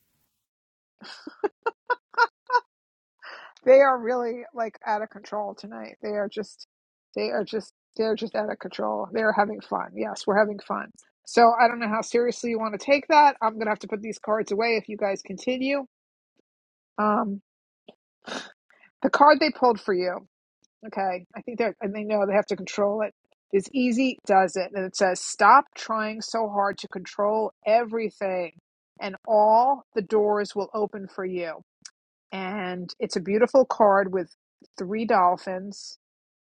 [SPEAKER 1] they are really like out of control tonight. They are just they are just they're just out of control. They're having fun. Yes, we're having fun. So I don't know how seriously you want to take that. I'm gonna have to put these cards away if you guys continue. Um the card they pulled for you. Okay. I think they're, and they know they have to control it. It's easy, does it? And it says, stop trying so hard to control everything, and all the doors will open for you. And it's a beautiful card with three dolphins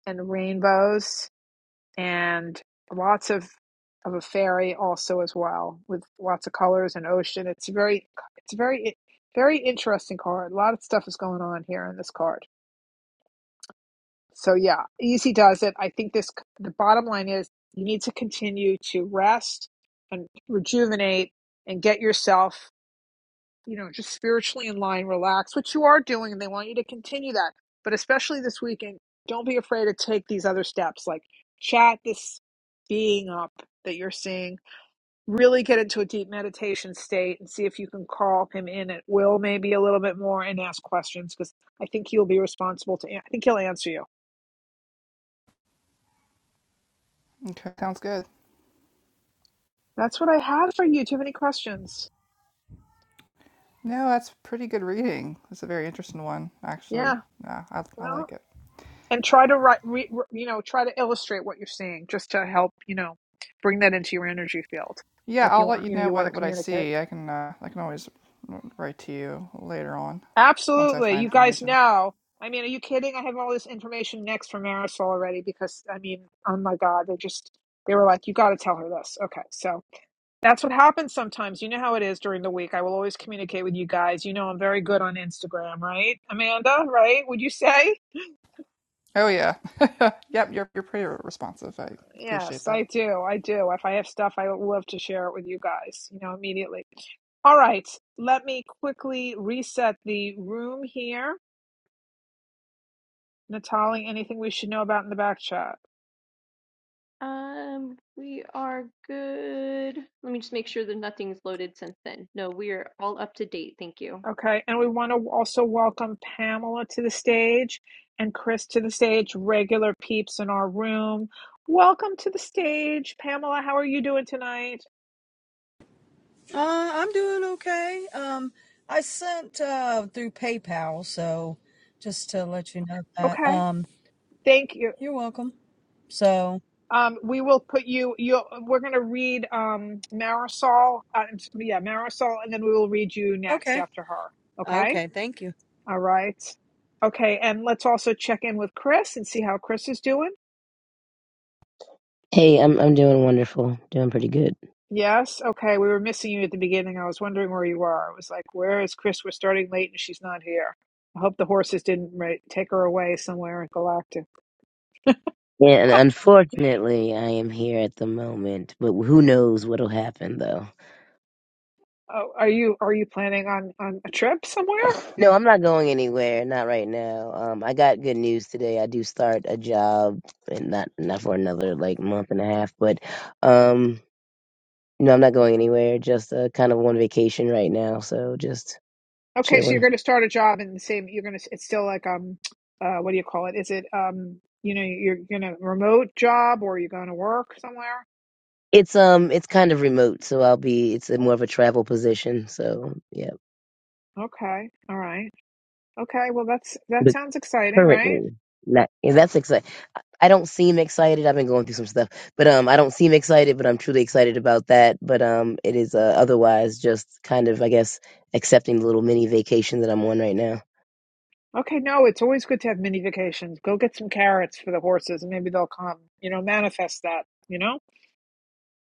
[SPEAKER 1] and rainbows and lots of of a fairy also as well with lots of colors and ocean. It's very, it's very, very interesting card. A lot of stuff is going on here in this card. So yeah, easy does it. I think this the bottom line is you need to continue to rest and rejuvenate and get yourself, you know, just spiritually in line, relax, which you are doing and they want you to continue that. But especially this weekend, don't be afraid to take these other steps like chat this being up that you're seeing, really get into a deep meditation state and see if you can call him in at will maybe a little bit more and ask questions because I think he'll be responsible to, I think he'll answer you
[SPEAKER 5] Okay, sounds good.
[SPEAKER 1] That's what I had for you. Do you have any questions.
[SPEAKER 5] No, that's pretty good reading. It's a very interesting one, actually.
[SPEAKER 1] Yeah.
[SPEAKER 5] Yeah, I, I
[SPEAKER 1] Well,
[SPEAKER 5] like it.
[SPEAKER 1] and try to write, re, re- you know, try to illustrate what you're seeing just to help, you know, bring that into your energy field.
[SPEAKER 5] Yeah,
[SPEAKER 1] Like
[SPEAKER 5] I'll
[SPEAKER 1] you
[SPEAKER 5] let
[SPEAKER 1] want,
[SPEAKER 5] you
[SPEAKER 1] you know,
[SPEAKER 5] know
[SPEAKER 1] you want to
[SPEAKER 5] what, what I
[SPEAKER 1] communicate.
[SPEAKER 5] see. I can uh, I can always write to you later on once I
[SPEAKER 1] Absolutely.
[SPEAKER 5] find
[SPEAKER 1] You guys
[SPEAKER 5] information.
[SPEAKER 1] know. I mean, are you kidding? I have all this information next from Marisol already because, I mean, oh my God, they just, they were like, you got to tell her this. Okay. So that's what happens sometimes. You know how it is during the week. I will always communicate with you guys. You know, I'm very good on Instagram, right? Amanda, right? Would you say?
[SPEAKER 5] Oh yeah, <laughs> yep, you're you're pretty responsive. I
[SPEAKER 1] Yes,
[SPEAKER 5] appreciate that.
[SPEAKER 1] I do. I do. If I have stuff, I love to share it with you guys, you know, immediately. All right, let me quickly reset the room here. Natalie, anything we should know about in the back chat?
[SPEAKER 2] Um, we are good. Let me just make sure that nothing's loaded since then. No, we are all up to date. Thank you.
[SPEAKER 1] Okay, and we want to also welcome Pamela to the stage and Chris to the stage, regular peeps in our room. Welcome to the stage, Pamela. How are you doing tonight?
[SPEAKER 7] Uh, I'm doing okay. Um, I sent uh, through PayPal, so just to let you know that.
[SPEAKER 1] Okay,
[SPEAKER 7] Um,
[SPEAKER 1] thank you.
[SPEAKER 7] you're welcome. So,
[SPEAKER 1] Um, we will put you. You. We're going to read um, Marisol. Uh, yeah, Marisol, and then we will read you next
[SPEAKER 7] okay.
[SPEAKER 1] after her. Okay.
[SPEAKER 7] Okay, thank you.
[SPEAKER 1] All right. Okay, and let's also check in with Chris and see how Chris is doing.
[SPEAKER 8] Hey, I'm I'm doing wonderful. Doing pretty good.
[SPEAKER 1] Yes. Okay. We were missing you at the beginning. I was wondering where you were. I was like, "Where is Chris? We're starting late, and she's not here." I hope the horses didn't right, take her away somewhere in Galactic.
[SPEAKER 8] Yeah, and unfortunately, I am here at the moment, but who knows what'll happen though.
[SPEAKER 1] Oh, are you are you planning on on a trip somewhere?
[SPEAKER 8] No, I'm not going anywhere, not right now. Um I got good news today. I do start a job and not not for another like month and a half, but um no, I'm not going anywhere. Just uh, kind of on vacation right now, so just
[SPEAKER 1] Okay, so you're
[SPEAKER 8] chilling.
[SPEAKER 1] going to start a job in the same. You're going to. It's still like um, uh, what do you call it? Is it um, you know, you're going to remote job or you're going to work somewhere?
[SPEAKER 8] It's um it's kind of remote, so I'll be it's a more of a travel position, so yeah.
[SPEAKER 1] Okay, all right. Okay, well that's that
[SPEAKER 8] But
[SPEAKER 1] sounds exciting, right?
[SPEAKER 8] currently not and that's exciting. I don't seem excited. I've been going through some stuff, but um, I don't seem excited, but I'm truly excited about that. But um, it is uh, otherwise just kind of, I guess, accepting the little mini vacation that I'm on right now.
[SPEAKER 1] Okay, no, it's always good to have mini vacations. Go get some carrots for the horses, and maybe they'll come. You know, manifest that. You know.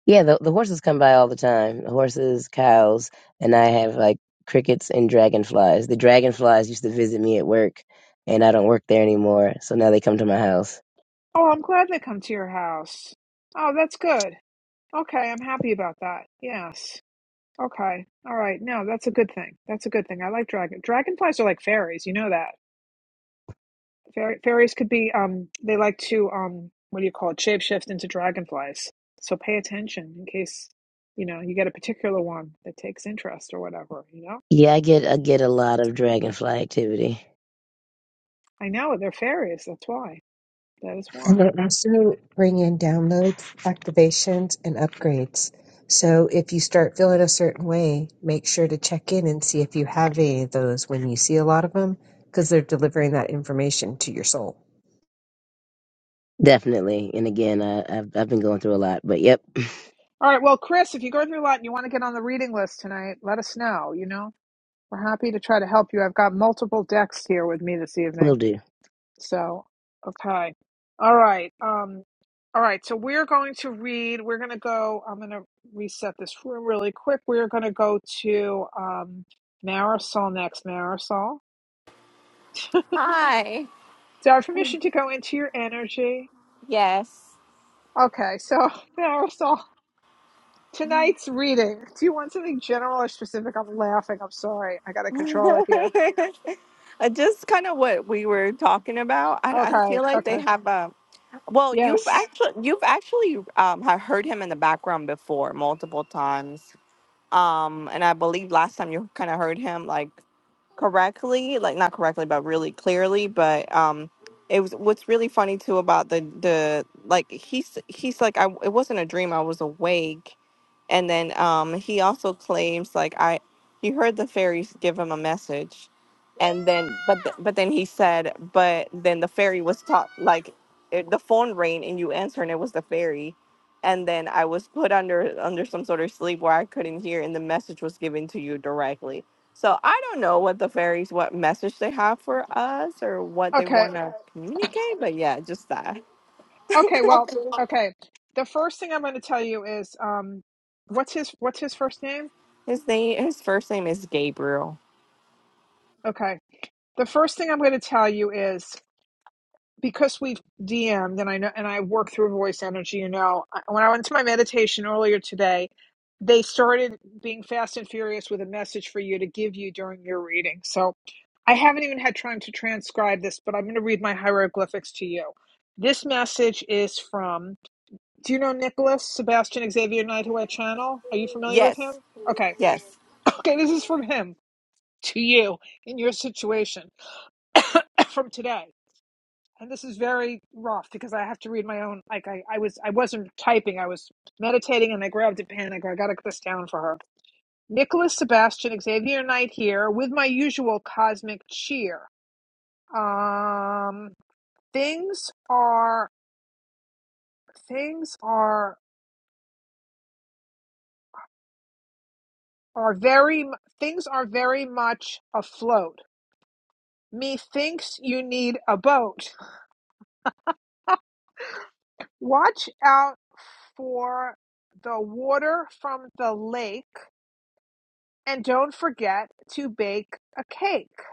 [SPEAKER 8] Yeah, the, the horses come by all the time. Horses, cows, and I have like crickets and dragonflies. The dragonflies used to visit me at work, and I don't work there anymore, so now they come to my house.
[SPEAKER 1] Oh, I'm glad they come to your house. Oh, that's good. Okay, I'm happy about that. Yes. Okay. All right. No, that's a good thing. That's a good thing. I like dragon. Dragonflies are like fairies. You know that. Fairy fairies could be um they like to um what do you call it? Shapeshift into dragonflies. So pay attention in case you know you get a particular one that takes interest or whatever, you know?
[SPEAKER 8] Yeah, I get I get a lot of dragonfly activity,
[SPEAKER 1] I know they're fairies. That's why. That is
[SPEAKER 4] And
[SPEAKER 1] why.
[SPEAKER 4] they also bring in downloads, activations, and upgrades. So if you start feeling a certain way, make sure to check in and see if you have any of those when you see a lot of them, because they're delivering that information to your soul.
[SPEAKER 8] definitely. And again, I, I've I've been going through a lot, but yep, <laughs>
[SPEAKER 1] All right. Well, Chris, if you go through a lot and you want to get on the reading list tonight, let us know, you know? We're happy to try to help you. I've got multiple decks here with me this
[SPEAKER 8] <clears throat>
[SPEAKER 1] evening.
[SPEAKER 8] will do.
[SPEAKER 1] So, okay. All right. Um, all right. So we're going to read, we're going to go, I'm going to reset this room really quick. We're going to go to um, Marisol next. Marisol,
[SPEAKER 9] Hi.
[SPEAKER 1] it's our permission to go into your energy.
[SPEAKER 9] Yes.
[SPEAKER 1] Okay. So, <laughs> Marisol, tonight's reading. Do you want something general or specific? I'm laughing. I'm sorry. I got to control
[SPEAKER 9] <laughs>
[SPEAKER 1] it here.
[SPEAKER 9] Uh, Just kind of what we were talking about. I, I feel
[SPEAKER 1] Okay.
[SPEAKER 9] like they
[SPEAKER 1] Okay.
[SPEAKER 9] have a well. You've
[SPEAKER 1] Yes.
[SPEAKER 9] actually you've actually um have heard him in the background before multiple times. Um, and I believe last time you kind of heard him like correctly, like not correctly, but really clearly. But um, it was what's really funny too about the the like he's he's like I it wasn't a dream. I was awake, and then um he also claims like I he heard the fairies give him a message, and then but th- but then he said but then the fairy was taught like it, the phone rang and you answer and it was the fairy. And then I was put under under some sort of sleep where I couldn't hear, and the message was given to you directly so I don't know what the fairies, what message they have for us or what they
[SPEAKER 1] Okay.
[SPEAKER 9] want to communicate, but yeah, just that.
[SPEAKER 1] Okay, well, okay. The first thing I'm going to tell you is um what's his what's his first name?
[SPEAKER 9] His name, his first name is Gabriel.
[SPEAKER 1] Okay. The first thing I'm going to tell you is because we've DM'd and I know and I work through voice energy, you know, I- when I went to my meditation earlier today, they started being fast and furious with a message for you to give you during your reading. So I haven't even had time to transcribe this, but I'm going to read my hieroglyphics to you. This message is from Do you know Nicholas Sebastian Xavier Nightaway Channel? Are you familiar with him?
[SPEAKER 9] Yes,
[SPEAKER 1] Okay.
[SPEAKER 9] yes.
[SPEAKER 1] <laughs> Okay, this is from him to you in your situation <coughs> from today. And this is very rough because I have to read my own like I, I was I wasn't typing, I was meditating and I grabbed a pen. I go, I gotta get this down for her. Nicholas Sebastian Xavier Knight here with my usual cosmic cheer. Um things are things are are very things are very much afloat Methinks you need a boat. Watch out for the water from the lake and don't forget to bake a cake.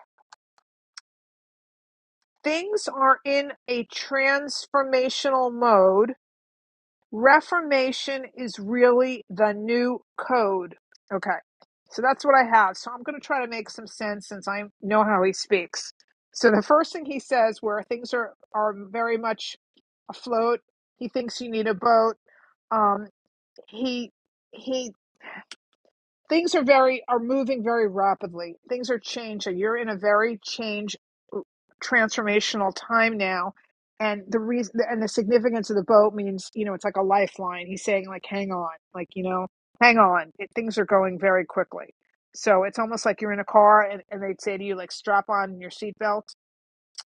[SPEAKER 1] Things are in a transformational mode Reformation is really the new code. Okay, so that's what I have. So I'm going to try to make some sense since I know how he speaks. So the first thing he says, where things are are very much afloat, he thinks you need a boat. Um, he he things are very are moving very rapidly things are changing you're in a very change transformational time now and the reason and the significance of the boat means you know it's like a lifeline he's saying like hang on like you know hang on it, things are going very quickly so it's almost like you're in a car and, and they'd say to you like strap on your seatbelt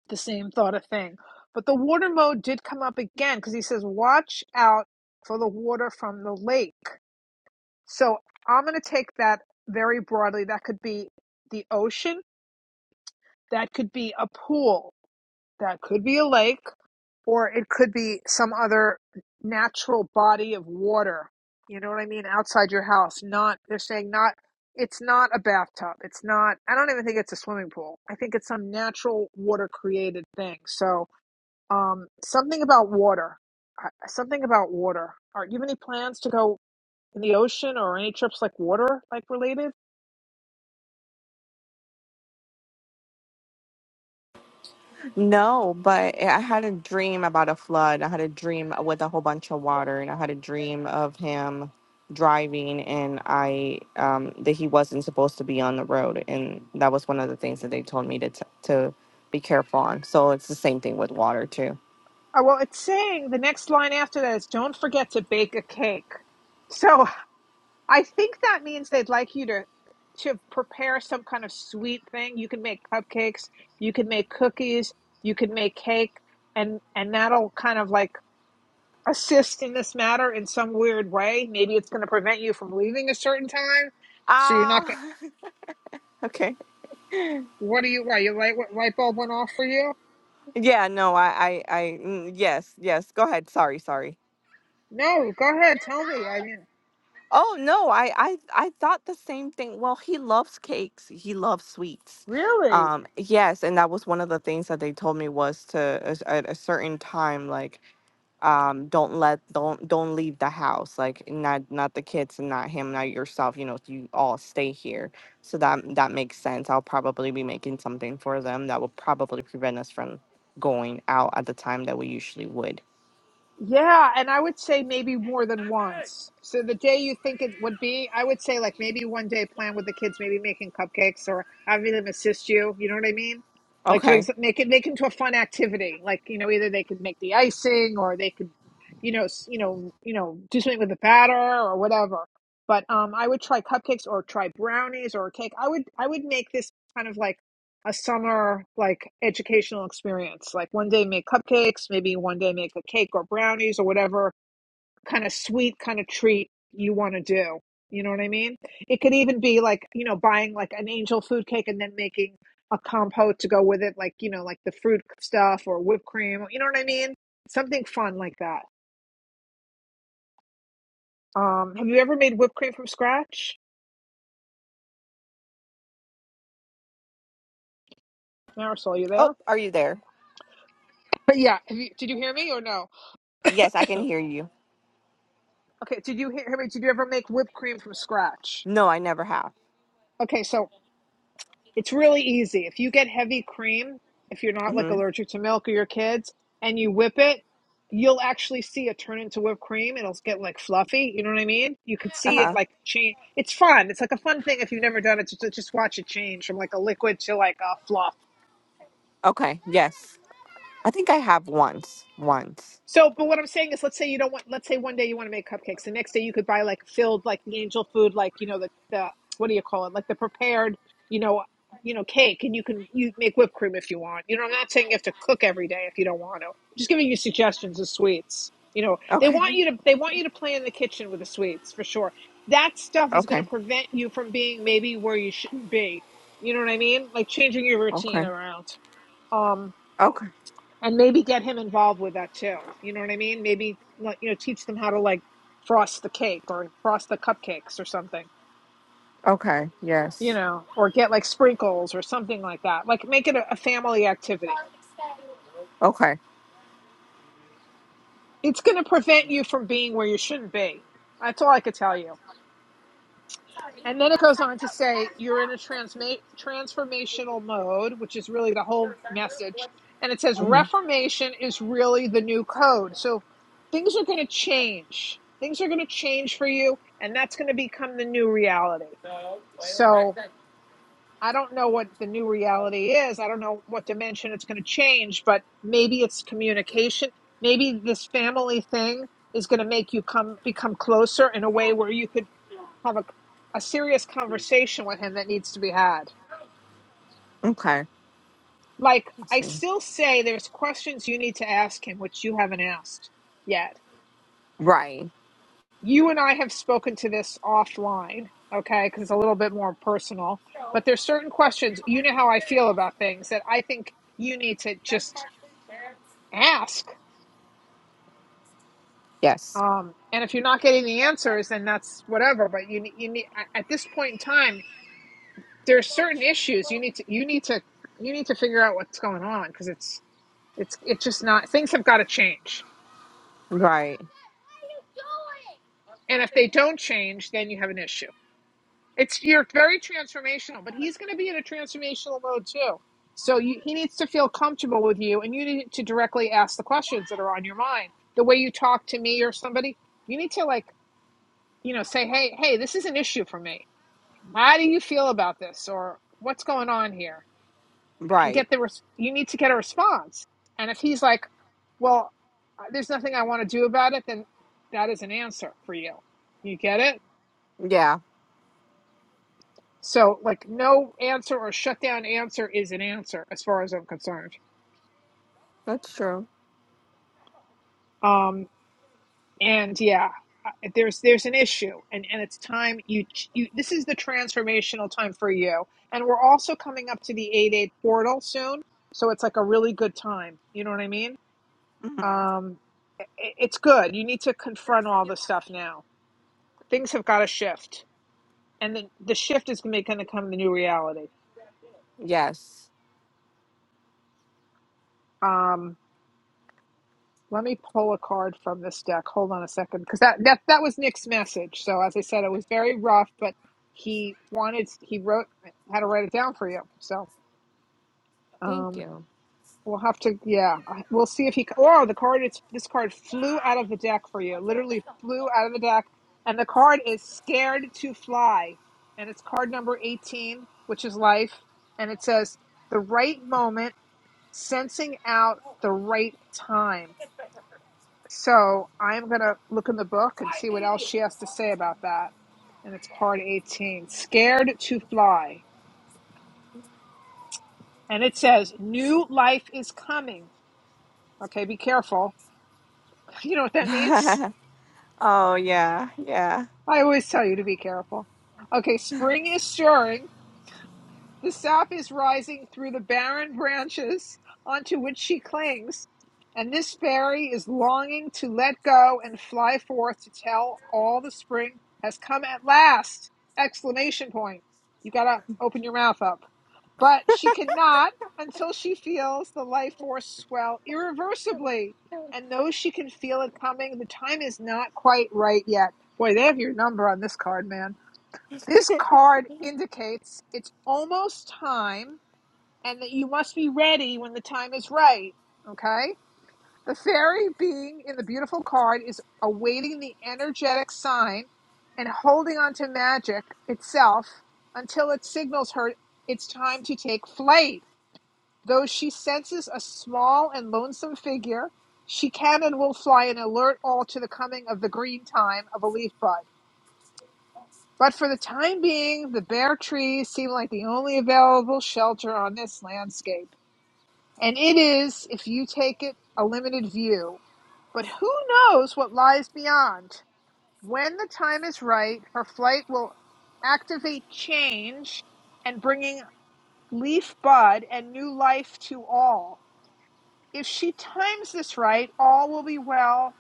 [SPEAKER 1] the same thought of thing but the water mode did come up again because he says watch out for the water from the lake so I'm going to take that very broadly. That could be the ocean, that could be a pool, that could be a lake, or it could be some other natural body of water. You know what I mean? Outside your house. Not, they're saying not, it's not a bathtub. It's not, I don't even think it's a swimming pool. I think it's some natural water created thing. So, um, something about water. I- Something about water. Are you have any plans to go in the ocean or any trips like water like related?
[SPEAKER 9] No, but I had a dream about a flood. I had a dream with a whole bunch of water, and I had a dream of him driving, and I um, that he wasn't supposed to be on the road, and that was one of the things that they told me to t- to be careful on. So it's the same thing with water too.
[SPEAKER 1] Oh, well, it's saying the next line after that is don't forget to bake a cake. So I think that means they'd like you to to prepare some kind of sweet thing. You can make cupcakes, you can make cookies, you can make cake, and and that'll kind of like assist in this matter in some weird way. Maybe it's going to prevent you from leaving a certain time, so you're not. going
[SPEAKER 9] Ah, <laughs> okay.
[SPEAKER 1] what are you? Why you light what light bulb went off for you?
[SPEAKER 9] Yeah, no, I, I, I, mm, yes, yes. Go ahead. Sorry, sorry.
[SPEAKER 1] No, go ahead, tell me. I mean,
[SPEAKER 9] Oh no, I, I, I thought the same thing. Well, he loves cakes. He loves sweets.
[SPEAKER 1] really?
[SPEAKER 9] Um, yes, and that was one of the things that they told me was to as- at a certain time, like, um, don't let, don't, don't leave the house. Like, not, not the kids, and not him, not yourself. You know, you all stay here. So that that makes sense. I'll probably be making something for them that will probably prevent us from going out at the time that we usually would.
[SPEAKER 1] Yeah, and I would say maybe more than once. So the day you think it would be, I would say like maybe one day plan with the kids, maybe making cupcakes or having them assist you. You know what I mean? Like doing
[SPEAKER 9] Okay.
[SPEAKER 1] some- make it make it into a fun activity. Like you know, either they could make the icing or they could, you know, s- you know, you know, do something with the batter or whatever. But um, I would try cupcakes or try brownies or a cake. I would I would make this kind of like a summer like educational experience. Like one day make cupcakes, maybe one day make a cake or brownies or whatever kind of sweet kind of treat you want to do. You know what I mean? It could even be like, you know, buying like an angel food cake and then making a compote to go with it, like, you know, like the fruit stuff or whipped cream. You know what I mean? Something fun like that. Um, have you ever made whipped cream from scratch? Marisol, you
[SPEAKER 9] Oh,
[SPEAKER 1] there?
[SPEAKER 9] are you there?
[SPEAKER 1] But yeah, have you, did you hear me or no?
[SPEAKER 9] Yes, I can hear you.
[SPEAKER 1] Okay, did you hear hear me? Did you ever make whipped cream from scratch?
[SPEAKER 9] No, I never have.
[SPEAKER 1] Okay, so It's really easy. If you get heavy cream, if you're not like
[SPEAKER 9] Mm-hmm.
[SPEAKER 1] allergic to milk or your kids, and you whip it, you'll actually see it turn into whipped cream. It'll get like fluffy. You know what I mean? You could
[SPEAKER 9] Uh
[SPEAKER 1] see it
[SPEAKER 9] huh.
[SPEAKER 1] like change. It's fun. It's like a fun thing if you've never done it to, to just watch it change from like a liquid to like a fluff.
[SPEAKER 9] Okay. Yes. I think I have once. Once.
[SPEAKER 1] So, but what I'm saying is, let's say you don't want, let's say one day you want to make cupcakes. The next day you could buy like filled, like the angel food, like, you know, the, the, what do you call it? Like the prepared, you know, you know, cake and you can, you make whipped cream if you want. You know, I'm not saying you have to cook every day if you don't want to. I'm just giving you suggestions of sweets. You know, they
[SPEAKER 9] Okay.
[SPEAKER 1] want you to, they want you to play in the kitchen with the sweets for sure. That stuff is going to
[SPEAKER 9] Okay.
[SPEAKER 1] prevent you from being maybe where you shouldn't be. You know what I mean? Like changing your routine
[SPEAKER 9] Okay.
[SPEAKER 1] around. Um
[SPEAKER 9] Okay.
[SPEAKER 1] and maybe get him involved with that too. You know what I mean? Maybe like, you know teach them how to like frost the cake or frost the cupcakes or something.
[SPEAKER 9] Okay.
[SPEAKER 1] You
[SPEAKER 9] Yes.
[SPEAKER 1] know, or get like sprinkles or something like that. Like make it a, a family activity.
[SPEAKER 9] Okay.
[SPEAKER 1] It's going to prevent you from being where you shouldn't be. That's all I could tell you. And then it goes on to say you're in a transma- transformational mode, which is really the whole message. And it says
[SPEAKER 9] hmm
[SPEAKER 1] reformation is really the new code. So things are going to change. Things are going to change for you, and that's going to become the new reality. So I don't know what the new reality is. I don't know what dimension it's going to change, but maybe it's communication. Maybe this family thing is going to make you come become closer in a way where you could have a, a serious conversation with him that needs to be had.
[SPEAKER 9] Okay.
[SPEAKER 1] Like,
[SPEAKER 9] Let's
[SPEAKER 1] I
[SPEAKER 9] see.
[SPEAKER 1] still say there's questions you need to ask him, which you haven't asked yet.
[SPEAKER 9] Right.
[SPEAKER 1] You and I have spoken to this offline, okay, because it's a little bit more personal. But there's certain questions, you know how I feel about things that I think you need to just ask.
[SPEAKER 9] Yes.
[SPEAKER 1] Um, and if you're not getting the answers, then that's whatever. But you, you need at at this point in time, there's certain issues you need to you need to you need to figure out what's going on because it's It's it's just not things have got to change.
[SPEAKER 9] Right.
[SPEAKER 1] And if they don't change, then you have an issue. It's you're very transformational, but he's going to be in a transformational mode too. So you, he needs to feel comfortable with you, and you need to directly ask the questions that are on your mind. The way you talk to me or somebody, you need to like you know say, hey, hey, this is an issue for me. How do you feel about this, or what's going on here? and
[SPEAKER 9] Right.
[SPEAKER 1] get the res- you need to get a response and if he's like well uh, there's nothing i want to do about it then that is an answer for you you get it
[SPEAKER 9] Yeah.
[SPEAKER 1] so like no answer or shut down answer is an answer as far as i'm concerned
[SPEAKER 9] That's true.
[SPEAKER 1] um and yeah uh, there's there's an issue and and it's time you you this is the transformational time for you and we're also coming up to the 8-8 portal soon so it's like a really good time you know what i mean
[SPEAKER 9] hmm
[SPEAKER 1] Um, i- it's good. You need to confront all this stuff now. Things have got to shift, and the, the shift is going to come the new reality.
[SPEAKER 9] Yes.
[SPEAKER 1] Um, let me pull a card from this deck. Hold on a second, because that, that that was Nick's message. So as I said, it was very rough, but he wanted he wrote had to write it down for you. So.
[SPEAKER 9] Thank
[SPEAKER 1] um.
[SPEAKER 9] you.
[SPEAKER 1] We'll have to, yeah. I- We'll see if he. c- Oh, the card is this card flew out of the deck for you. Literally flew out of the deck, and the card is scared to fly, and it's card number eighteen, which is life, and it says the right moment, sensing out the right time. So I'm gonna look in the book and see what else she has to say about that. And it's card eighteen, scared to fly, and it says new life is coming. Okay, be careful. <laughs> You know what
[SPEAKER 9] <laughs>
[SPEAKER 1] that means?
[SPEAKER 9] oh yeah. Yeah.
[SPEAKER 1] I always tell you to be careful. Okay, spring is stirring. The sap is rising through the barren branches onto which she clings, and this fairy is longing to let go and fly forth to tell all the spring has come at last! Exclamation point. You gotta open your mouth up but she cannot until she feels the life force swell irreversibly. And though she can feel it coming, the time is not quite right yet. Boy, they have your number on this card, man. This card indicates it's almost time and that you must be ready when the time is right. Okay? The fairy being in the beautiful card is awaiting the energetic sign and holding on to magic itself until it signals her it's time to take flight Though she senses a small and lonesome figure, she can and will fly and alert all to the coming of the green time of a leaf bud. But for the time being, the bare trees seem like the only available shelter on this landscape. And it is, if you take it, a limited view. But who knows what lies beyond? When the time is right, her flight will activate change and bringing leaf bud and new life to all. If she times this right, all will be well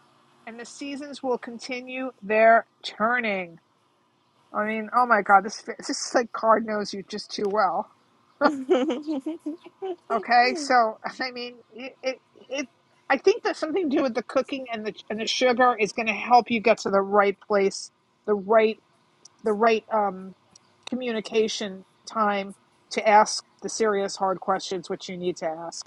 [SPEAKER 1] and the seasons will continue their turning. I mean, oh my God, this, this is like card knows you just too well.
[SPEAKER 9] <laughs>
[SPEAKER 1] Okay, so <laughs> I mean, it, it, it I think that something to do with the cooking and the and the sugar is going to help you get to the right place, the right the right um communication time to ask the serious hard questions which you need to ask.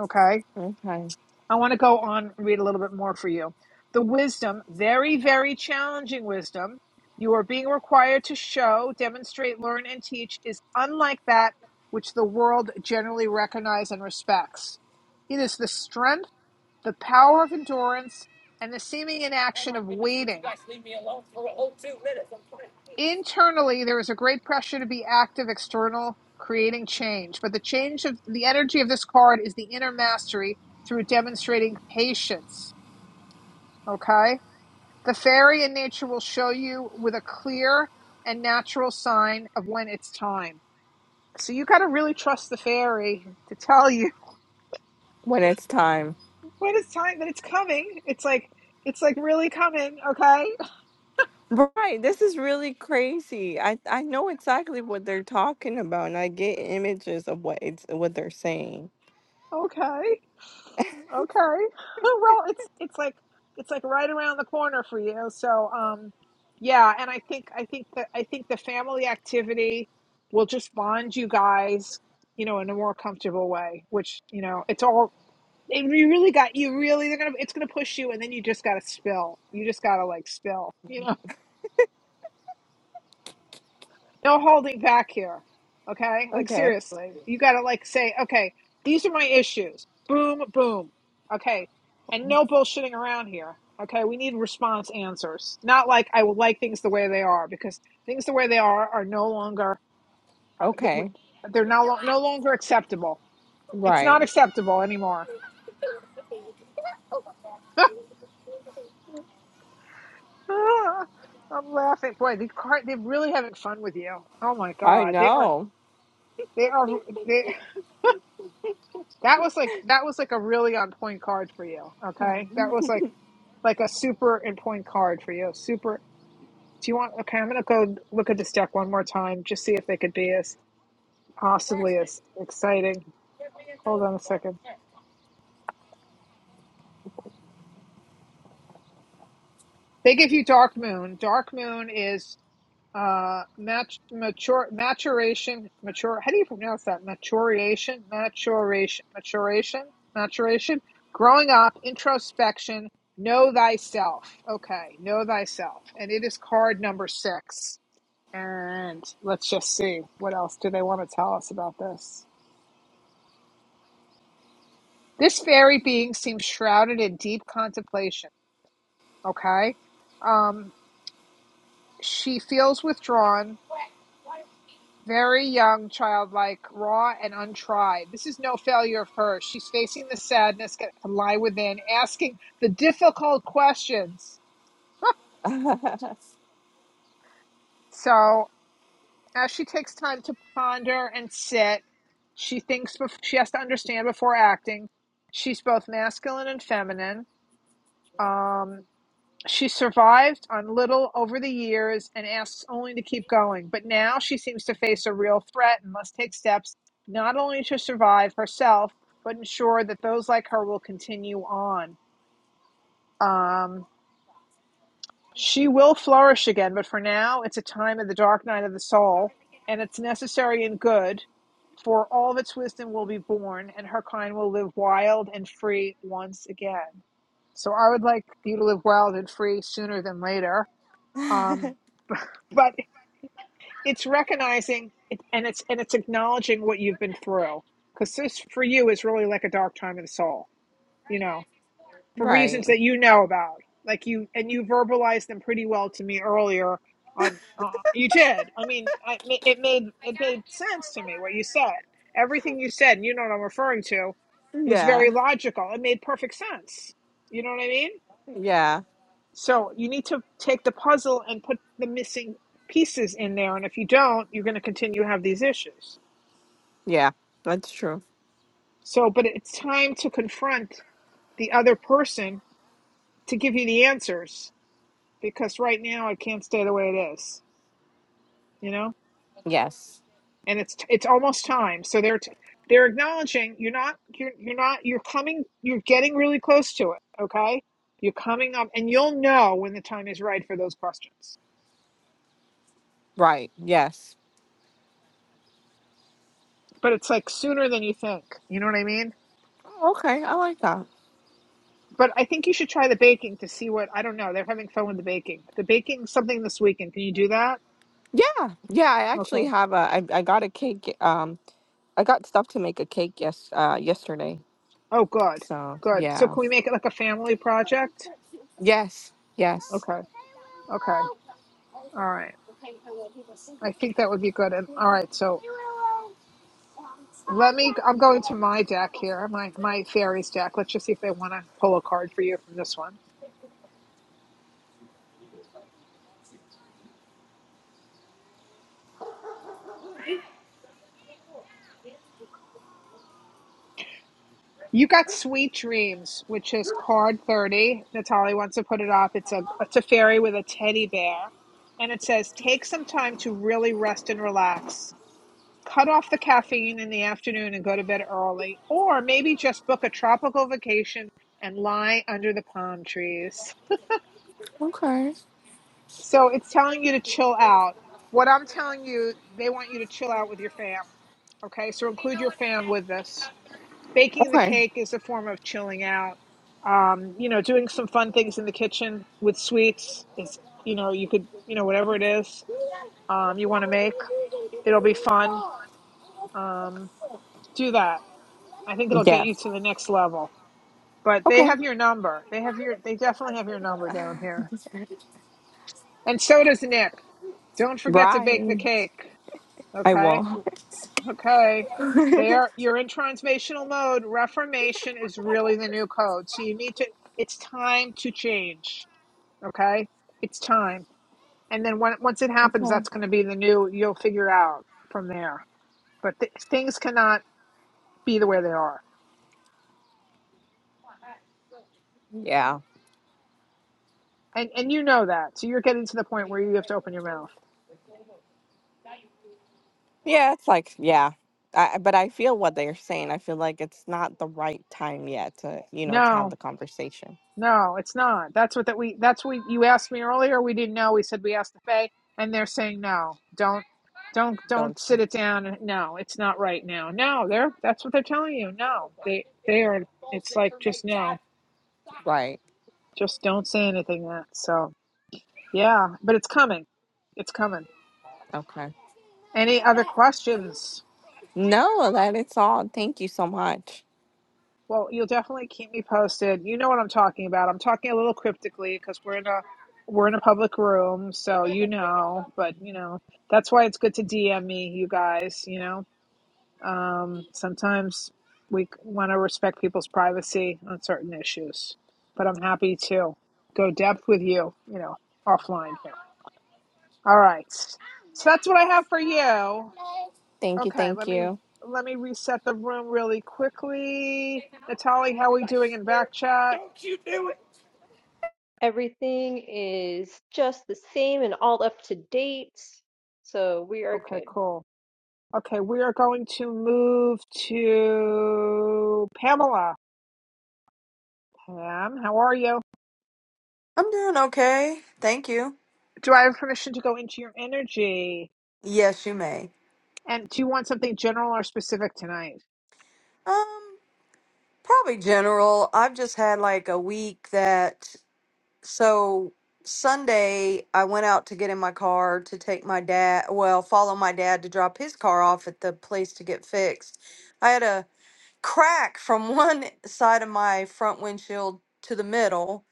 [SPEAKER 1] Okay
[SPEAKER 9] okay.
[SPEAKER 1] I want to go on and read a little bit more for you. The wisdom, very, very challenging wisdom, you are being required to show, demonstrate, learn, and teach is unlike that which the world generally recognizes and respects. It is the strength, the power of endurance, and the seeming inaction of waiting. Internally, there is a great pressure to be active, external, creating change. But the change of the energy of this card is the inner mastery through demonstrating patience. Okay? The fairy in nature will show you with a clear and natural sign of when it's time. So you got to really trust the fairy to tell you
[SPEAKER 9] When it's time.
[SPEAKER 1] <laughs> when it's time that it's coming. It's like it's like really coming, okay?
[SPEAKER 9] Right, this is really crazy. I I know exactly what they're talking about, and I get images of what it's what they're saying.
[SPEAKER 1] Okay. Okay. <laughs> Well, it's it's like it's like right around the corner for you. So um yeah, and I think I think that I think the family activity will just bond you guys, you know, in a more comfortable way, which, you know, it's all It, you really got you really they're gonna it's gonna push you and then you just gotta spill. You just gotta like spill. You know, no holding back here. Okay, like
[SPEAKER 9] Okay,
[SPEAKER 1] seriously, you gotta like say okay, these are my issues. Boom, boom. Okay, and no bullshitting around here. Okay, we need response answers. Not like I would like things the way they are because things the way they are are no longer uh, they-
[SPEAKER 9] okay,
[SPEAKER 1] they're no, lo- no longer acceptable. It's not
[SPEAKER 9] right.
[SPEAKER 1] acceptable anymore <laughs> Ah, I'm laughing. Boy, the car they're really having fun with you. Oh my
[SPEAKER 9] I
[SPEAKER 1] God. They are
[SPEAKER 9] know.
[SPEAKER 1] they are they that was like that was like a really on point card for you. Okay. That was like like a super in point card for you. Super do you want okay, I'm gonna go look at this deck one more time, just see if they could be as possibly as exciting. Hold on a second. They give you Dark Moon. Dark Moon is Uh, mat mature maturation mature. How do you pronounce that? Maturation, maturation, maturation, maturation. Growing up, introspection. Know thyself. Okay, know thyself, and it is card number six. And let's just see what else do they want to tell us about this. This fairy being seems shrouded in deep contemplation. Okay, um, she feels withdrawn Very young, childlike, raw, and untried. This is no failure of hers. She's facing the sadness that can lie within, asking the difficult questions. So, as she takes time to ponder and sit, she thinks bef- she has to understand before acting. She's both masculine and feminine. Um, She survived on little over the years and asks only to keep going, but now she seems to face a real threat and must take steps not only to survive herself, but ensure that those like her will continue on. Um, she will flourish again, but for now, it's a time of the dark night of the soul, and it's necessary and good, for all of its wisdom will be born, and her kind will live wild and free once again. So I would like you to live wild and free sooner than later. Um,
[SPEAKER 9] <laughs>
[SPEAKER 1] but it's recognizing it, and it's and it's acknowledging what you've been through because this for you is really like a dark time of the soul you know for
[SPEAKER 9] right.
[SPEAKER 1] reasons that you know about like you and you verbalized them pretty well to me earlier on uh, you did i mean I, it made it made sense to me what you said everything you said and you know what i'm referring to was
[SPEAKER 9] Yeah.
[SPEAKER 1] very logical it made perfect sense you know what i mean
[SPEAKER 9] Yeah.
[SPEAKER 1] so you need to take the puzzle and put the missing pieces in there. And if you don't, you're going to continue to have these issues.
[SPEAKER 9] Yeah. That's true.
[SPEAKER 1] So, but it's time to confront the other person to give you the answers because right now it can't stay the way it is, you know?
[SPEAKER 9] Yes.
[SPEAKER 1] And it's it's almost time. So they're t- they're acknowledging you're not you're you're not you're coming you're getting really close to it, okay? You're coming up and you'll know when the time is right for those questions.
[SPEAKER 9] Right. Yes.
[SPEAKER 1] But it's like sooner than you think. You know what I mean?
[SPEAKER 9] Okay, I like that.
[SPEAKER 1] But I think you should try the baking to see what I don't know. They're having fun with the baking. The baking something this weekend. Can you do that?
[SPEAKER 9] Yeah. Yeah. I actually
[SPEAKER 1] Okay.
[SPEAKER 9] have a. I, I got a cake. Um, I got stuff to make a cake. Yes. Uh, yesterday.
[SPEAKER 1] Oh, good.
[SPEAKER 9] So
[SPEAKER 1] Good. So
[SPEAKER 9] yeah.
[SPEAKER 1] can we make it like a family project?
[SPEAKER 9] Yes. Yes.
[SPEAKER 1] Okay. Okay. All right. I think that would be good. And all right. So let me. I'm going to my deck here. My my fairies deck. Let's just see if they want to pull a card for you from this one. You got Sweet Dreams, which is card 30. Natalie wants to put it up. It's a it's a fairy with a teddy bear. And it says, take some time to really rest and relax. Cut off the caffeine in the afternoon and go to bed early. Or maybe just book a tropical vacation and lie under the palm trees.
[SPEAKER 9] Okay.
[SPEAKER 1] So it's telling you to chill out. What I'm telling you, they want you to chill out with your fam. Okay, so include your fam with this. baking the
[SPEAKER 9] Okay.
[SPEAKER 1] cake is a form of chilling out. Um, you know, doing some fun things in the kitchen with sweets is, you know, you could, you know, whatever it is um, you want to make, it'll be fun. Um, do that. I think it'll get
[SPEAKER 9] Yes.
[SPEAKER 1] you to the next level. But they
[SPEAKER 9] Okay.
[SPEAKER 1] have your number. They have your, they definitely have your number down here. And so does Nick. Don't forget to bake the
[SPEAKER 9] Right.
[SPEAKER 1] cake.
[SPEAKER 9] I
[SPEAKER 1] Okay.
[SPEAKER 9] won't.
[SPEAKER 1] Okay.
[SPEAKER 9] <laughs>
[SPEAKER 1] They are you're in transformational mode. Reformation is really the new code. So you need to it's time to change. Okay? It's time. And then when, once it happens,
[SPEAKER 9] okay.
[SPEAKER 1] that's going to be the new you'll figure out from there. But th- things cannot be the way they are.
[SPEAKER 9] Yeah.
[SPEAKER 1] And and you know that. So you're getting to the point where you have to open your mouth.
[SPEAKER 9] Yeah, it's like yeah. I, I- but I feel what they're saying. I feel like it's not the right time yet to, you know, to have
[SPEAKER 1] No.
[SPEAKER 9] the conversation.
[SPEAKER 1] No, it's not. That's what that we that's what you asked me earlier. We didn't know. We said we asked the Fae, and they're saying no. Don't don't don't
[SPEAKER 9] Don't
[SPEAKER 1] sit it down. No, it's not right now. No, they're that's what they're telling you. No. They they are it's like just no.
[SPEAKER 9] right.
[SPEAKER 1] Just don't say anything yet. So, yeah, but it's coming. It's coming.
[SPEAKER 9] Okay.
[SPEAKER 1] Any other questions?
[SPEAKER 9] No, that it's all. Thank you so much.
[SPEAKER 1] Well, you'll definitely keep me posted. You know what I'm talking about. I'm talking a little cryptically because we're in a we're in a public room, so you know. But you know, that's why it's good to DM me, you guys. You know, um, sometimes we want to respect people's privacy on certain issues, but I'm happy to go depth with you. You know, offline here. All right, so that's what I have for you.
[SPEAKER 9] Thank you.
[SPEAKER 1] Okay,
[SPEAKER 9] Thank
[SPEAKER 1] let me
[SPEAKER 9] you.
[SPEAKER 1] let me reset the room really quickly. Natalie, how are we doing in back chat?
[SPEAKER 2] Everything is just the same and all up to date. So we are
[SPEAKER 1] Okay,
[SPEAKER 2] good.
[SPEAKER 1] cool. Okay, we are going to move to Pamela. Pam, how are you?
[SPEAKER 7] I'm doing okay. Thank you.
[SPEAKER 1] Do I have permission to go into your energy?
[SPEAKER 7] Yes, you may.
[SPEAKER 1] And do you want something general or specific tonight?
[SPEAKER 7] Um, probably general. I've just had like a week that so Sunday I went out to get in my car to take my dad, well, follow my dad to drop his car off at the place to get fixed. I had a crack from <laughs> one side of my front windshield to the middle.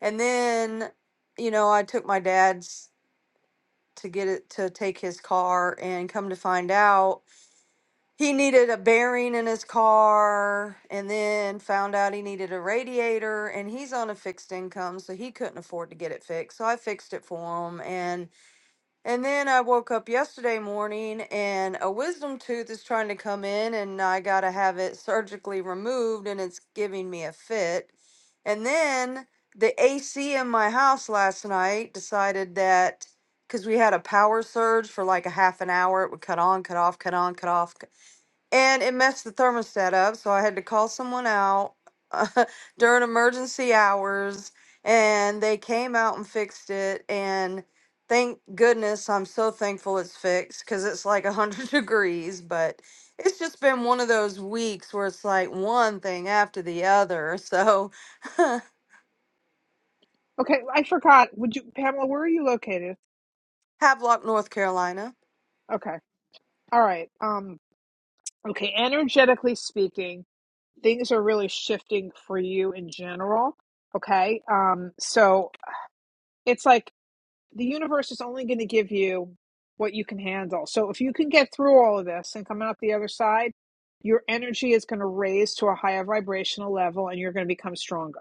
[SPEAKER 7] And then, you know, I took my dad's to get it to take his car and come to find out he needed a bearing in his car and then found out he needed a radiator and he's on a fixed income so he couldn't afford to get it fixed. So I fixed it for him and and then I woke up yesterday morning and a wisdom tooth is trying to come in and I got to have it surgically removed and it's giving me a fit. And then the AC in my house last night decided that because we had a power surge for like a half an hour, it would cut on, cut off, cut on, cut off and it messed the thermostat up, so I had to call someone out uh, <laughs> during emergency hours, and they came out and fixed it. And thank goodness, I'm so thankful it's fixed because it's like 100 <laughs> degrees, but it's just been one of those weeks where it's like one thing after the other. So,
[SPEAKER 1] Okay, I forgot. Would you Pamela, where are you located?
[SPEAKER 7] <laughs> Havelock, North Carolina.
[SPEAKER 1] Okay. All right. Um Okay, energetically speaking, things are really shifting for you in general. Okay. Um, so it's like the universe is only going to give you what you can handle. So if you can get through all of this and come out the other side, your energy is going to raise to a higher vibrational level and you're going to become stronger.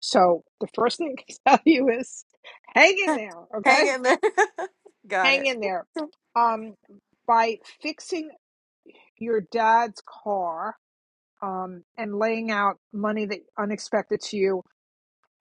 [SPEAKER 1] So the first thing I can <laughs> tell you is hang in there.
[SPEAKER 7] Hang
[SPEAKER 1] Okay.
[SPEAKER 7] in there. <laughs> Got
[SPEAKER 1] Hang
[SPEAKER 7] it.
[SPEAKER 1] in there. Um, by fixing your dad's car, um, and laying out money that unexpected to you.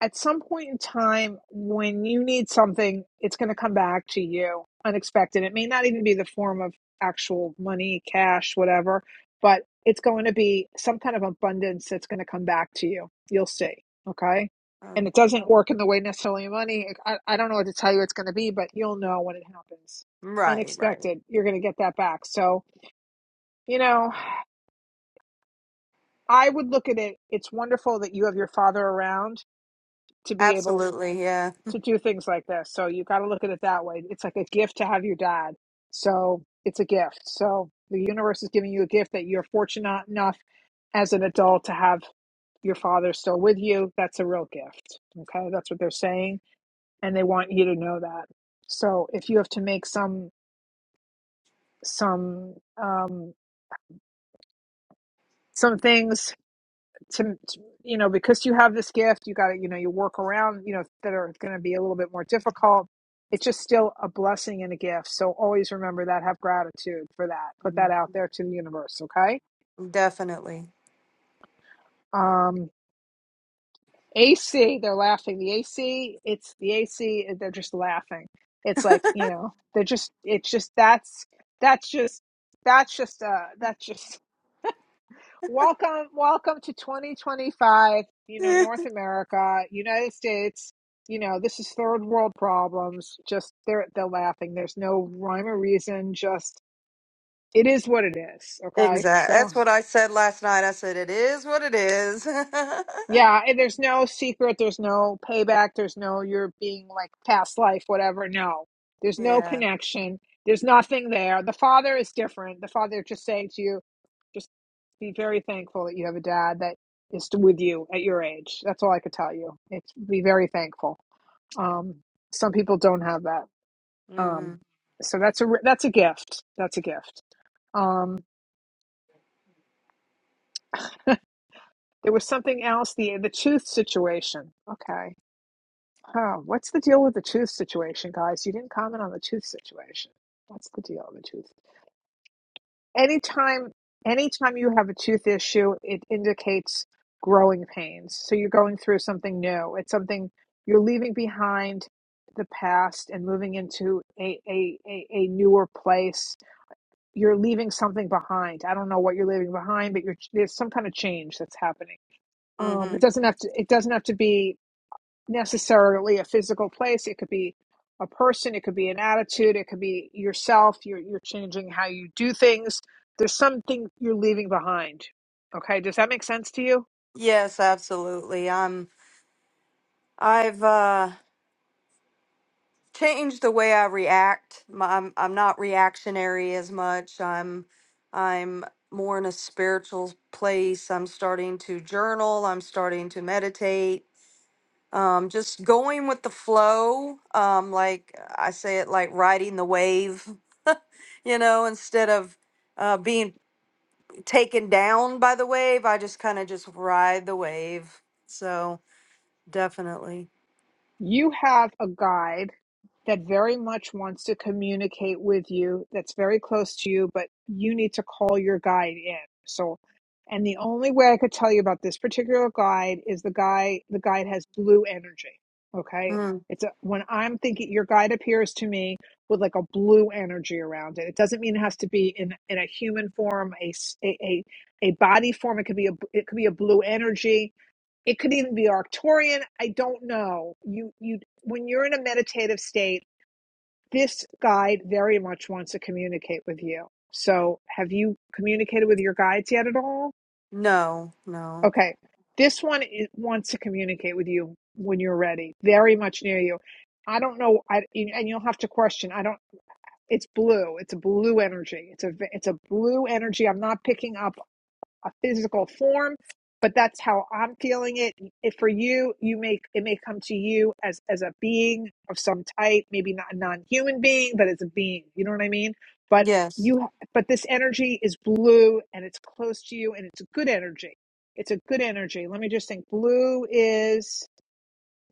[SPEAKER 1] At some point in time, when you need something, it's going to come back to you unexpected. It may not even be the form of actual money, cash, whatever, but it's going to be some kind of abundance that's going to come back to you. You'll see. Okay. And
[SPEAKER 7] Um,
[SPEAKER 1] it doesn't
[SPEAKER 7] oh,
[SPEAKER 1] work in the way necessarily money. I, I don't know what to tell you it's going to be, but you'll know when it happens.
[SPEAKER 7] right, right.
[SPEAKER 1] Unexpected. You're going to get that back. So, you know, I would look at it. It's wonderful that you have your father around to be able
[SPEAKER 7] Absolutely. Yeah.
[SPEAKER 1] to do things like this. So you got to look at it that way. It's like a gift to have your dad. So it's a gift. So the universe is giving you a gift that you're fortunate enough as an adult to have your father still with you. That's a real gift. Okay. That's what they're saying. And they want you to know that. So if you have to make some, some, um, some things to, to you know because you have this gift you got to you know you work around you know that are going to be a little bit more difficult it's just still a blessing and a gift so always remember that have gratitude for that put that
[SPEAKER 7] Mhm.
[SPEAKER 1] out there to the universe okay
[SPEAKER 7] Definitely.
[SPEAKER 1] um ac they're laughing the ac it's the ac they're just laughing it's like you know they're just it's just that's that's just that's just uh that's just Welcome, welcome to 2025. You know,
[SPEAKER 7] <laughs>
[SPEAKER 1] North America, United States. You know, this is third world problems. Just they're they're laughing. There's no rhyme or reason. Just it is what it is. Okay,
[SPEAKER 7] Exactly. That's
[SPEAKER 1] so
[SPEAKER 7] what I said last night. I said it is what it is. <laughs>
[SPEAKER 1] Yeah, and there's no secret, there's no payback, there's no you're being like past life, whatever. No, there's no
[SPEAKER 7] yeah.
[SPEAKER 1] connection, there's nothing there. The father is different. The father just saying to you, just be very thankful that you have a dad that is t- with you at your age. That's all I could tell you. It's be very thankful. Um, some people don't have that. Um,
[SPEAKER 7] Mhm.
[SPEAKER 1] so that's a re- that's a gift. That's a gift. Um, there was something else. The the tooth situation. Okay Huh, what's the deal with the tooth situation, guys? You didn't comment on the tooth situation. What's the deal with the tooth? Anytime, anytime you have a tooth issue, it indicates growing pains. So you're going through something new. It's something you're leaving behind the past and moving into a, a, a, a newer place. You're leaving something behind. I don't know what you're leaving behind, but you're, there's some kind of change that's happening. Um, it
[SPEAKER 7] Mhm.
[SPEAKER 1] doesn't have to. It doesn't have to be necessarily a physical place. It could be a person, it could be an attitude, it could be yourself. You're you're changing how you do things. There's something you're leaving behind. Okay, does that make sense to you?
[SPEAKER 7] Yes, absolutely. I'm I've uh changed the way I react. My- I'm I'm not reactionary as much. I'm I'm more in a spiritual place. I'm starting to journal. I'm starting to meditate. Um, just going with the flow. Um, like I say it like riding the wave, <laughs> you know, instead of uh, being taken down by the wave. I just kind of just ride the wave. So definitely.
[SPEAKER 1] you have a guide that very much wants to communicate with you that's very close to you but you need to call your guide in so and the only way i could tell you about this particular guide is the guy the guide has blue energy okay
[SPEAKER 7] Mm.
[SPEAKER 1] it's a, when i'm thinking your guide appears to me with like a blue energy around it it doesn't mean it has to be in in a human form a s- a, a a body form it could be a it could be a blue energy it could even be arcturian i don't know you you when you're in a meditative state this guide very much wants to communicate with you so have you communicated with your guides yet at all
[SPEAKER 7] No, no.
[SPEAKER 1] okay this one is, wants to communicate with you when you're ready very much near you i don't know I, and you'll have to question i don't it's blue it's a blue energy it's a it's a blue energy i'm not picking up a physical form but that's how i'm feeling it if for you you may it may come to you as as a being of some type maybe not a non-human being but as a being you know what i mean but
[SPEAKER 7] Yes.
[SPEAKER 1] you but this energy is blue and it's close to you and it's a good energy it's a good energy let me just think blue is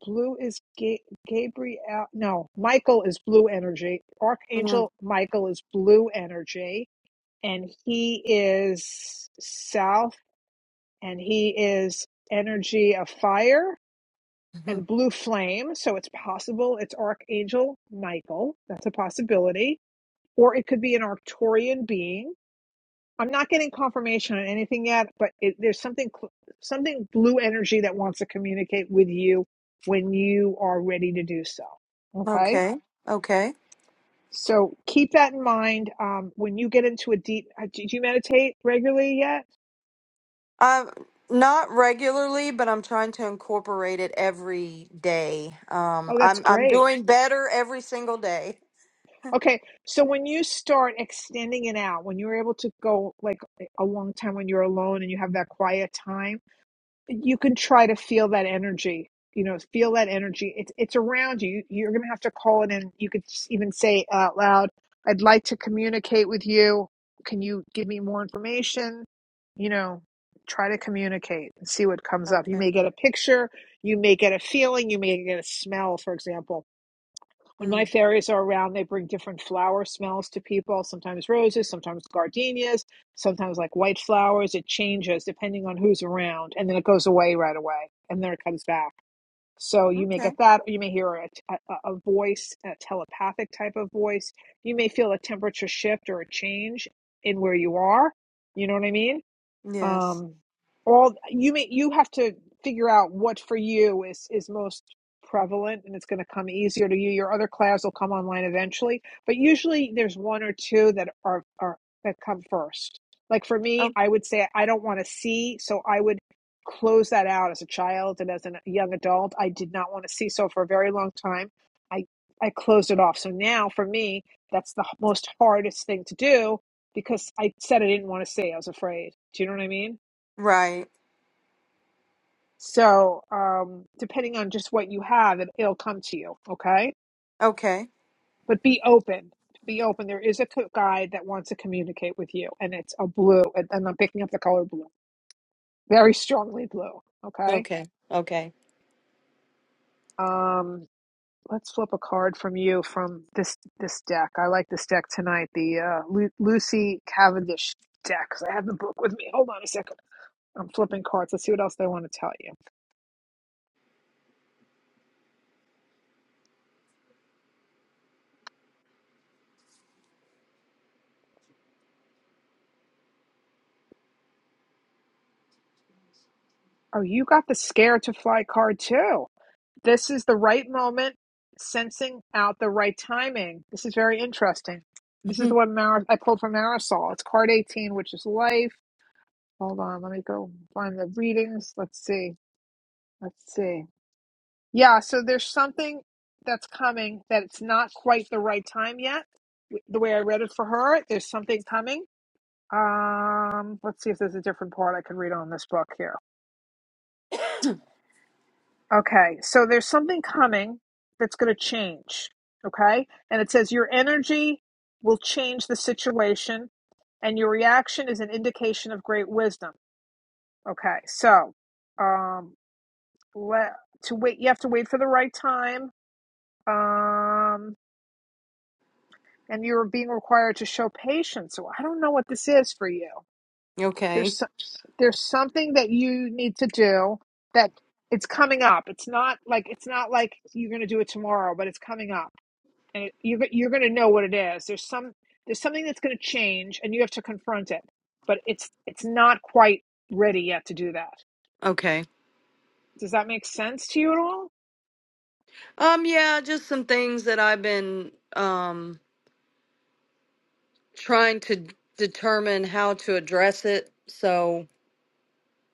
[SPEAKER 1] blue is Ga- gabriel no michael is blue energy
[SPEAKER 7] Mm.
[SPEAKER 1] archangel michael is blue energy and he is south and he is energy of fire
[SPEAKER 7] Mhm.
[SPEAKER 1] and blue flame. So it's possible it's Archangel Michael. That's a possibility. Or it could be an Arcturian being. I'm not getting confirmation on anything yet, but it, there's something, something blue energy that wants to communicate with you when you are ready to do so. Okay.
[SPEAKER 7] Okay. Okay.
[SPEAKER 1] So keep that in mind um, when you get into a deep. uh, Do do you meditate regularly yet?
[SPEAKER 7] Um, not regularly, but I'm trying to incorporate it every day. Um,
[SPEAKER 1] Oh, that's
[SPEAKER 7] I'm I'm
[SPEAKER 1] great.
[SPEAKER 7] doing better every single day.
[SPEAKER 1] Okay, so when you start extending it out, when you're able to go like a long time when you're alone and you have that quiet time, you can try to feel that energy. You know, feel that energy. It's it's around you. You're gonna have to call it in. You could s- even say out loud, "I'd like to communicate with you. Can you give me more information?" You know, try to communicate and see what comes up. You
[SPEAKER 7] Okay.
[SPEAKER 1] may get a picture. You may get a feeling. You may get a smell, for example when my
[SPEAKER 7] Mm.
[SPEAKER 1] fairies are around, they bring different flower smells to people, sometimes roses, sometimes gardenias, sometimes like white flowers. It changes depending on who's around, and then it goes away right away, and then it comes back. So you may
[SPEAKER 7] Okay.
[SPEAKER 1] get that, or you may hear a, a, a voice, a telepathic type of voice. You may feel a temperature shift or a change in where you are. You know what I mean?
[SPEAKER 7] Yes.
[SPEAKER 1] um all you may you have to figure out what for you is is most prevalent and it's going to come easier to you your other clouds will come online eventually but usually there's one or two that are are that come first like for me
[SPEAKER 7] Oh,
[SPEAKER 1] i would say i don't want to see so i would close that out as a child and as a young adult i did not want to see so for a very long time i i closed it off so now for me that's the most hardest thing to do because I said I didn't want to say. I was afraid. Do you know what I mean?
[SPEAKER 7] right.
[SPEAKER 1] So, um, depending on just what you have, it, it'll come to you. Okay.
[SPEAKER 7] Okay.
[SPEAKER 1] But be open. Be open. There is a co- guide that wants to communicate with you, and it's a blue. And, and I'm picking up the color blue, very strongly blue. Okay.
[SPEAKER 7] Okay. Okay.
[SPEAKER 1] Um, let's flip a card from you from this this deck. I like this deck tonight. The uh, Lu- Lucy Cavendish deck. Because I have the book with me. Hold on a second. I'm flipping cards. Let's see what else they want to tell you. Oh, you got the scare to fly card too. This is the right moment, sensing out the right timing. This is very interesting. This is the
[SPEAKER 7] <laughs>
[SPEAKER 1] one Mar- I pulled from Marisol. It's card 18, which is life. Hold on, let me go find the readings. Let's see. Let's see. Yeah, so there's something that's coming that it's not quite the right time yet. W- The way I read it for her, there's something coming. Um, let's see if there's a different part I can read on this book here. Okay, so there's something coming that's going to change. Okay, and it says your energy will change the situation, and your reaction is an indication of great wisdom. Okay, so um, let to wait. You have to wait for the right time, um, and you're being required to show patience. So I don't know what this is for you. There's
[SPEAKER 7] okay.
[SPEAKER 1] so, there's something that you need to do that it's coming up. It's not like it's not like you're going to do it tomorrow, but it's coming up and it, you're you're going to know what it is. There's some there's something that's going to change, and you have to confront it. But it's it's not quite ready yet to do that.
[SPEAKER 7] Okay.
[SPEAKER 1] Does that make sense to you at all?
[SPEAKER 7] Um, yeah, just some things that I've been um trying to determine how to address it. So,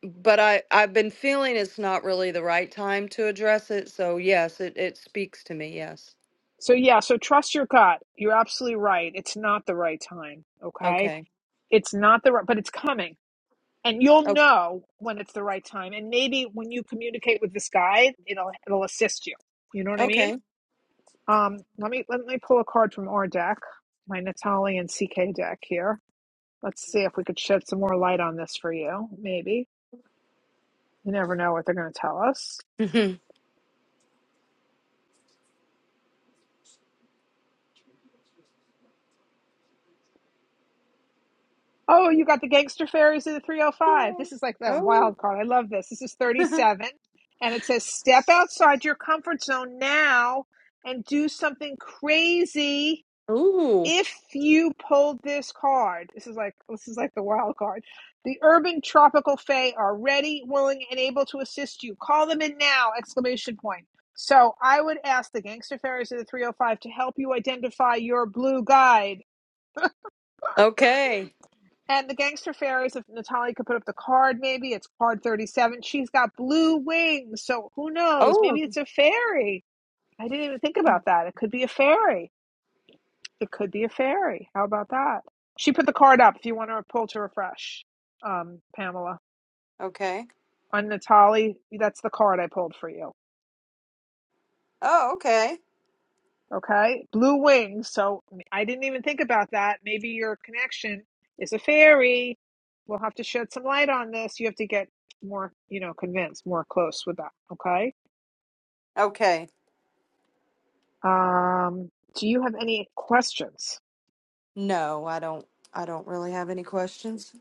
[SPEAKER 7] but I I've been feeling it's not really the right time to address it. So, yes, it it speaks to me. Yes.
[SPEAKER 1] So yeah, so trust your gut. You're absolutely right. It's not the right time. Okay,
[SPEAKER 7] Okay.
[SPEAKER 1] it's not the right, but it's coming, and you'll
[SPEAKER 7] Oh,
[SPEAKER 1] know when it's the right time. And maybe when you communicate with this guide, it'll it'll assist you. You know what I mean?
[SPEAKER 7] okay.
[SPEAKER 1] Um, let me let me pull a card from our deck, my Natali and CK deck here Let's see if we could shed some more light on this for you. Maybe. You never know what they're going to tell us.
[SPEAKER 7] Mhm.
[SPEAKER 1] Oh, you got the gangster fairies of the
[SPEAKER 2] Yeah,
[SPEAKER 1] 305. This is like that
[SPEAKER 7] oh.
[SPEAKER 1] wild card. I love this. This is
[SPEAKER 7] <laughs>
[SPEAKER 1] 37. And it says, step outside your comfort zone now and do something crazy
[SPEAKER 7] Ooh.
[SPEAKER 1] if you pulled this card, this is like this is like the wild card. The urban tropical fae are ready, willing, and able to assist you. Call them in now! Exclamation point. So I would ask the gangster fairies of the 305 to help you identify your blue guide.
[SPEAKER 7] Okay.
[SPEAKER 1] And the gangster fairies, if Natalia could put up the card, maybe it's card 37. She's got blue wings, so who knows? Maybe
[SPEAKER 7] Oh.
[SPEAKER 1] it's a fairy. I didn't even think about that. It could be a fairy It could be a fairy. How about that? She put the card up if you want to pull to refresh, um, Pamela.
[SPEAKER 7] Okay.
[SPEAKER 1] On Natali, that's the card I pulled for you.
[SPEAKER 7] Oh, okay.
[SPEAKER 1] Okay? Blue wings. So I didn't even think about that. Maybe your connection is a fairy. We'll have to shed some light on this. You have to get more, you know, convinced, more close with that. Okay?
[SPEAKER 7] Okay.
[SPEAKER 1] Um, do you have any questions?
[SPEAKER 7] No, I don't I don't really have any questions.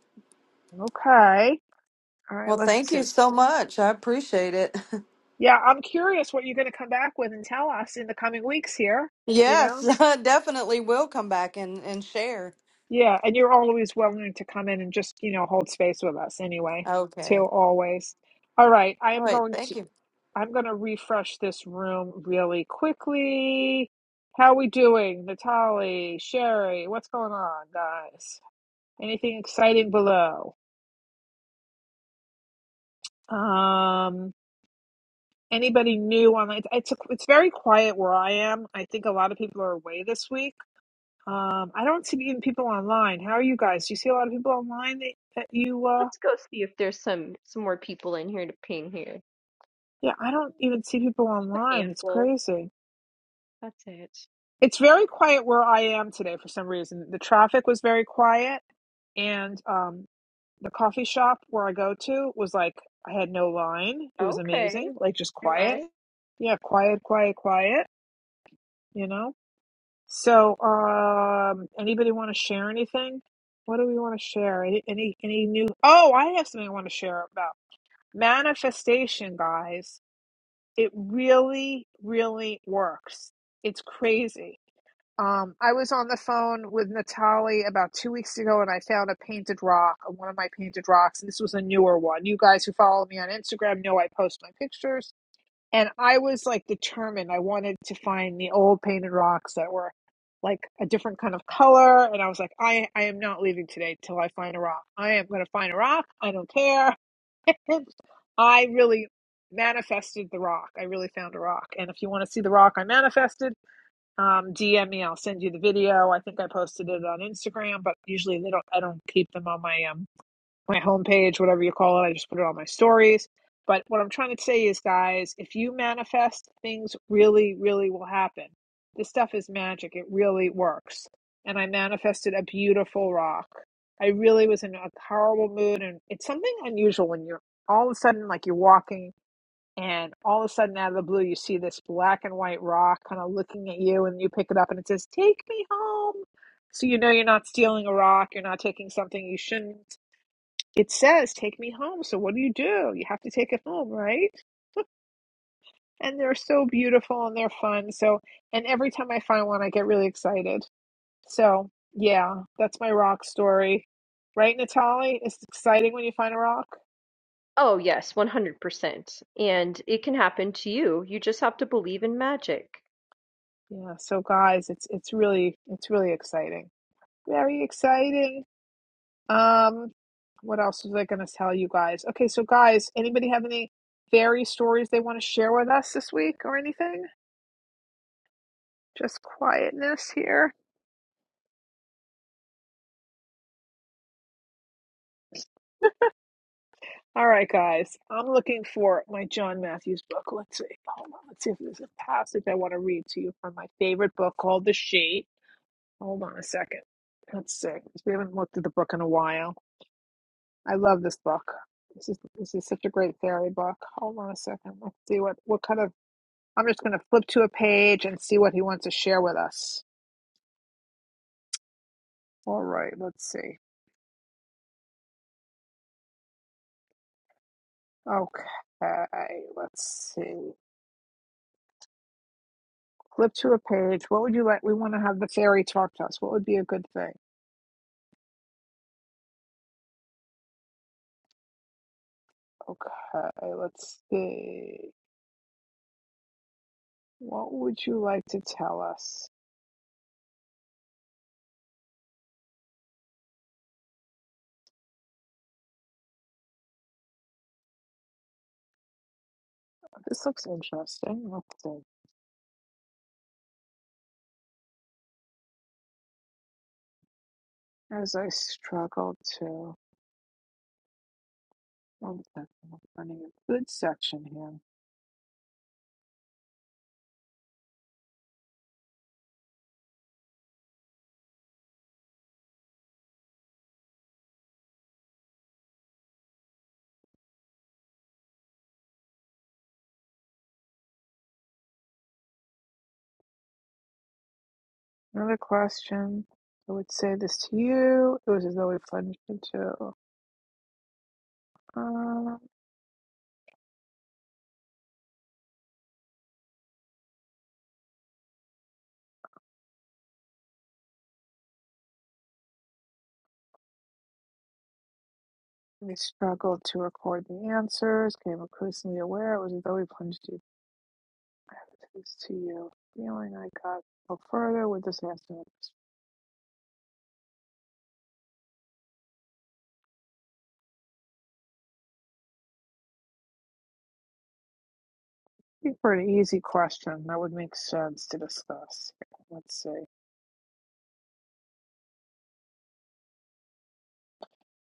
[SPEAKER 1] Okay. All right,
[SPEAKER 7] Well,
[SPEAKER 1] let's
[SPEAKER 7] thank you
[SPEAKER 1] see.
[SPEAKER 7] so much. I appreciate it. <laughs>
[SPEAKER 1] Yeah, I'm curious what you're going to come back with and tell us in the coming weeks here, you
[SPEAKER 7] Yes,
[SPEAKER 1] know?
[SPEAKER 7] <laughs> definitely will come back and, and share.
[SPEAKER 1] Yeah, and you're always willing to come in and just, you know, hold space with us anyway,
[SPEAKER 7] Okay.
[SPEAKER 1] too, always. All right, I
[SPEAKER 7] All
[SPEAKER 1] am
[SPEAKER 7] right.
[SPEAKER 1] going to
[SPEAKER 7] Thank you.
[SPEAKER 1] I'm going to refresh this room really quickly. How we doing? Natalie, Sherry, what's going on, guys? Anything exciting below? Um, anybody new on it's it's, a, it's very quiet where I am. I think a lot of people are away this week Um, I don't see even people online. How are you guys? Do you see a lot of people online that, that you, uh,
[SPEAKER 2] Let's go see if there's some some more people in here to ping here.
[SPEAKER 1] yeah, I don't even see people
[SPEAKER 2] Just a
[SPEAKER 1] online. It's
[SPEAKER 2] handful.
[SPEAKER 1] crazy.
[SPEAKER 2] That's it.
[SPEAKER 1] It's very quiet where I am today for some reason. The traffic was very quiet, and um, the coffee shop where I go to was like, I had no line. It was
[SPEAKER 2] Okay.
[SPEAKER 1] amazing, like just
[SPEAKER 2] nice.
[SPEAKER 1] quiet.
[SPEAKER 2] Right?
[SPEAKER 1] Yeah, quiet, quiet, quiet, you know? So, um, anybody want to share anything? What do we want to share? Any, any, any new? Oh, I have something I want to share about. Manifestation, guys, it really, really works. It's crazy. Um, I was on the phone with Natalie about two weeks ago and I found a painted rock one of my painted rocks. And this was a newer one. You guys who follow me on Instagram know I post my pictures. And I was like determined I wanted to find the old painted rocks that were like a different kind of color. And I was like, I, I am not leaving today till I find a rock. I am going to find a rock. I don't care. And I really manifested the rock. I really found a rock. And if you want to see the rock I manifested, um, DM me. I'll send you the video. I think I posted it on Instagram, but usually they don't. I don't keep them on my um my homepage, whatever you call it. I just put it on my stories. But what I'm trying to say is, guys, if you manifest, things really, really will happen. This stuff is magic. It really works. And I manifested a beautiful rock. I really was in a horrible mood. And it's something unusual when you're all of a sudden, like you're walking, and all of a sudden, out of the blue, you see this black and white rock kind of looking at you, and you pick it up, and it says, Take me home. So you know you're not stealing a rock, you're not taking something you shouldn't it says take me home so what do you do you have to take it home right and they're so beautiful and they're fun so and every time i find one i get really excited so yeah that's my rock story right Natalie? it's exciting when you find a rock
[SPEAKER 2] Oh yes, 100%. And it can happen to you. You just have to believe in magic.
[SPEAKER 1] yeah so guys it's it's really it's really exciting very exciting um what else was i going to tell you guys okay so guys anybody have any fairy stories they want to share with us this week or anything just quietness here All right, guys. I'm looking for my John Matthews book. Let's see. Hold on. Let's see if there's a passage I want to read to you from my favorite book called The Sheet. Hold on a second. Let's see. see. We haven't looked at the book in a while. I love this book. This is this is such a great fairy book. Hold on a second. Let's see what what kind of. I'm just going to flip to a page and see what he wants to share with us. All right. Let's see. Okay. Let's see. Flip to a page. What would you like? We want to have the fairy talk to us. What would be a good thing? Okay, let's see. What would you like to tell us? This looks interesting. Let's see. As I struggle to, one second, I'm finding a good section here. Another question. I would say this to you. It was as though we plunged into. Um, we struggled to record the answers. Came increasingly aware. It was as though we plunged into. I would say this to you. Feeling I got no further with this answer. I think for an easy question, that would make sense to discuss. Let's see.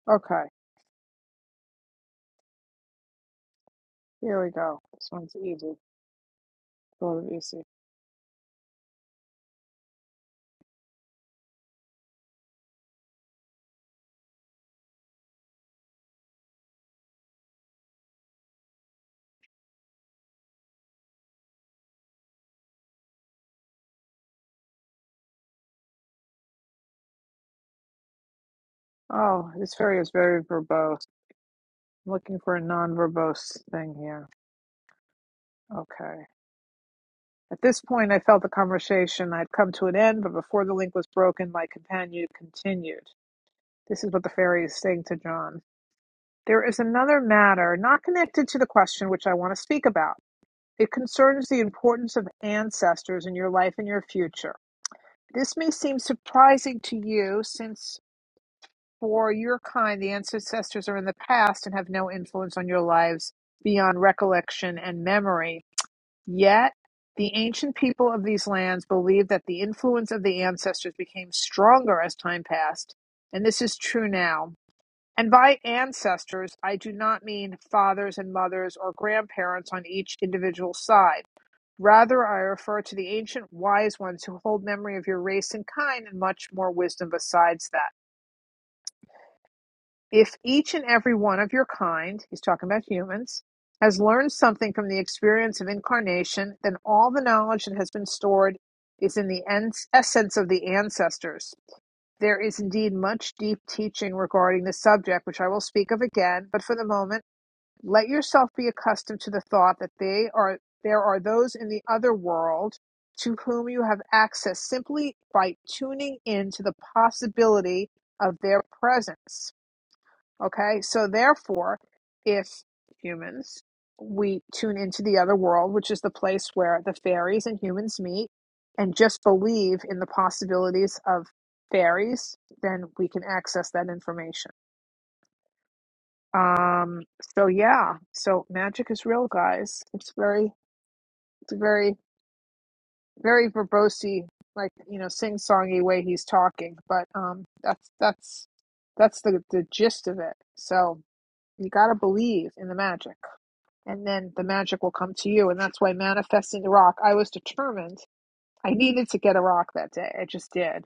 [SPEAKER 1] Okay, here we go. This one's easy. A little easy. Oh, this fairy is very verbose. I'm looking for a non verbose thing here. Okay. At this point, I felt the conversation had come to an end, but before the link was broken, my companion continued. This is what the fairy is saying to John. There is another matter not connected to the question which I want to speak about. It concerns the importance of ancestors in your life and your future. This may seem surprising to you, since for your kind, the ancestors are in the past and have no influence on your lives beyond recollection and memory. Yet, the ancient people of these lands believed that the influence of the ancestors became stronger as time passed, and this is true now. And by ancestors, I do not mean fathers and mothers or grandparents on each individual side. Rather, I refer to the ancient wise ones who hold memory of your race and kind, and much more wisdom besides that. If each and every one of your kind, he's talking about humans, has learned something from the experience of incarnation, then all the knowledge that has been stored is in the essence of the ancestors. There is indeed much deep teaching regarding the subject, which I will speak of again, but for the moment, let yourself be accustomed to the thought that they are there are those in the other world to whom you have access simply by tuning in to the possibility of their presence. Okay? So therefore, if humans we tune into the other world, which is the place where the fairies and humans meet, and just believe in the possibilities of fairies, then we can access that information. Um, so yeah, so magic is real, guys. It's very, it's a very, very verbosey, like you know, sing-songy way he's talking. But um, that's that's that's the the gist of it. So you gotta believe in the magic, and then the magic will come to you. And that's why manifesting the rock. I was determined. I needed to get a rock that day. I just did.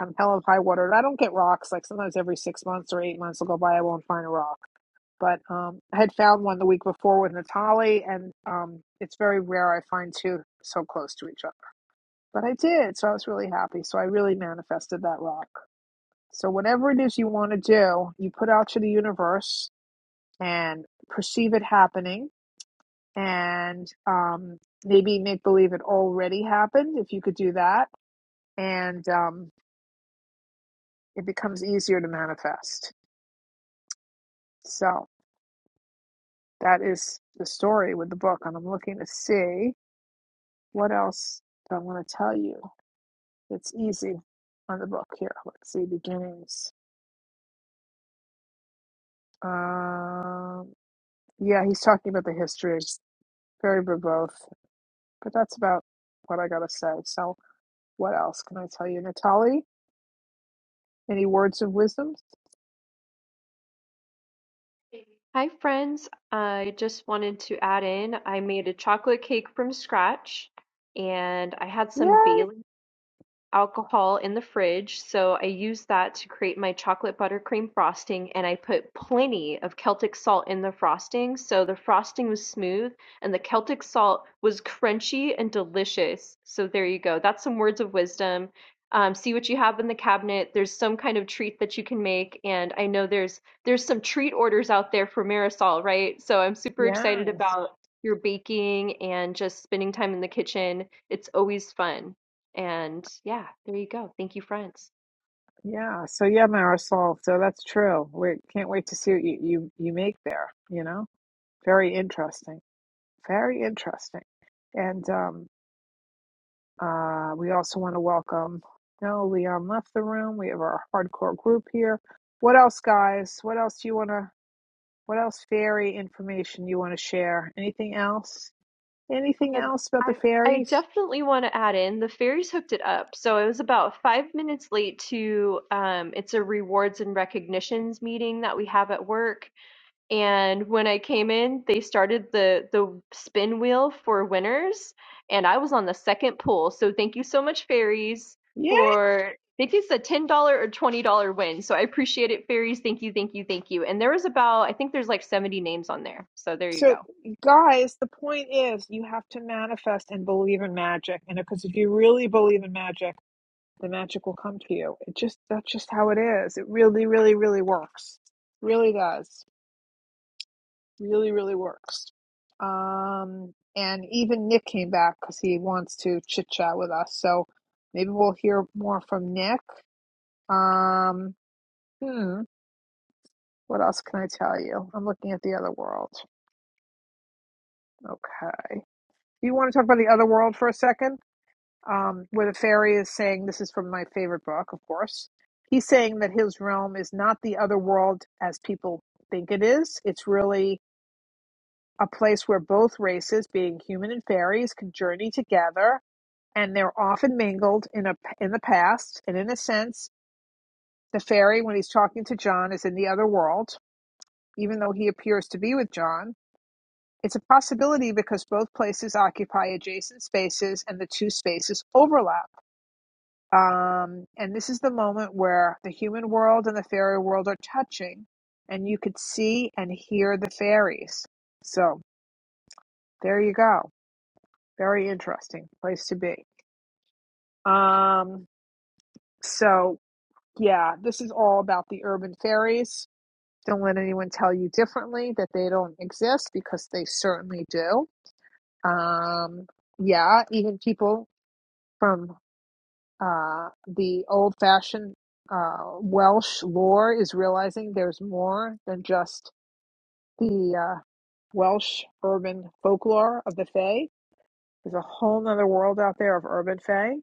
[SPEAKER 1] I'm hell of high water. I don't get rocks. Like sometimes every six months or eight months, I'll go by. I won't find a rock but um, I had found one the week before with Natalie, and um, it's very rare I find two so close to each other. But I did, so I was really happy. So I really manifested that rock. So whatever it is you want to do, you put out to the universe and perceive it happening, and um, maybe make believe it already happened if you could do that, and um, it becomes easier to manifest. So that is the story with the book, and I'm looking to see. What else do I want to tell you? It's easy on the book here. Let's see, beginnings. Um, yeah, he's talking about the history. It's very verbose, but that's about what I gotta say. So, what else can I tell you, Natalie? Any words of wisdom?
[SPEAKER 2] Hi friends, I just wanted to add in I made a chocolate cake from scratch and I had some
[SPEAKER 1] Yay!
[SPEAKER 2] Bailey's alcohol in the fridge, so I used that to create my chocolate buttercream frosting, and I put plenty of Celtic salt in the frosting, so the frosting was smooth and the Celtic salt was crunchy and delicious. So there you go. That's some words of wisdom. Um, see what you have in the cabinet. There's some kind of treat that you can make, and I know there's there's some treat orders out there for Marisol, right? So I'm super excited
[SPEAKER 1] Yes,
[SPEAKER 2] about your baking and just spending time in the kitchen. It's always fun. And yeah, there you go. Thank you, friends.
[SPEAKER 1] yeah. So yeah, Marisol. So that's true. We can't wait to see what you you, you make there. You know, very interesting. Very interesting. And um, Uh, we also want to welcome No Leon left the room. We have our hardcore group here. What else, guys? What else do you want to? What else fairy information you want to share? Anything else? Anything
[SPEAKER 2] Um,
[SPEAKER 1] else about the
[SPEAKER 2] I I
[SPEAKER 1] fairies?
[SPEAKER 2] definitely want to add in the fairies hooked it up. So it was about five minutes late to um, it's a rewards and recognitions meeting that we have at work. And when I came in, they started the the spin wheel for winners, and I was on the second pull. So thank you so much, fairies,
[SPEAKER 1] Yeah.
[SPEAKER 2] for. I think it's a ten dollar or twenty dollar win, so I appreciate it, fairies. Thank you, thank you, thank you. And there was about, I think there's like seventy names on there, so there you go.
[SPEAKER 1] So, guys, the point is you have to manifest and believe in magic, and because if you really believe in magic, the magic will come to you. It just that's just how it is. It really, really, really works. Really does. really really works um and even nick came back because he wants to chit chat with us so maybe we'll hear more from nick um hmm what else can i tell you i'm looking at the other world okay you want to talk about the other world for a second um where the fairy is saying this is from my favorite book of course he's saying that his realm is not the other world as people think it is it's really a place where both races, being human and fairies, can journey together, and they're often mingled in a in the past. And in a sense, the fairy, when he's talking to John, is in the other world, even though he appears to be with John. It's a possibility because both places occupy adjacent spaces, and the two spaces overlap. Um, and this is the moment where the human world and the fairy world are touching, and you could see and hear the fairies. So there you go. Very interesting place to be. Um, so yeah, this is all about the urban fairies. Don't let anyone tell you differently that they don't exist because they certainly do. Um, yeah, even people from uh, the old fashioned uh, Welsh lore is realizing there's more than just the uh, Welsh urban folklore of the Fae. There's a whole other world out there of urban Fae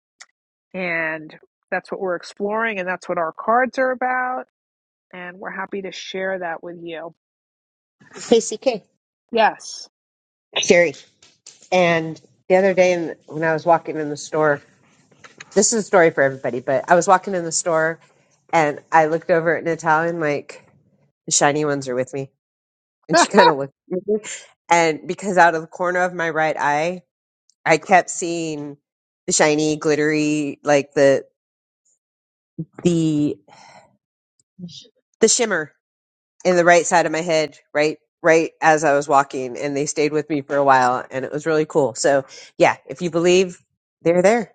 [SPEAKER 1] And that's what we're exploring, and that's what our cards are about. And we're happy to share that with you.
[SPEAKER 4] Hey, CK.
[SPEAKER 1] Yes.
[SPEAKER 4] Sherry. And the other day in, when I was walking in the store, this is a story for everybody, but I was walking in the store and I looked over at Natalia and like, the shiny ones are with me. And
[SPEAKER 1] <laughs>
[SPEAKER 4] she kind of looked at me. And because out of the corner of my right eye, I kept seeing the shiny, glittery, like the the the shimmer in the right side of my head, right right as I was walking, and they stayed with me for a while, and it was really cool. So yeah, if you believe, they're there.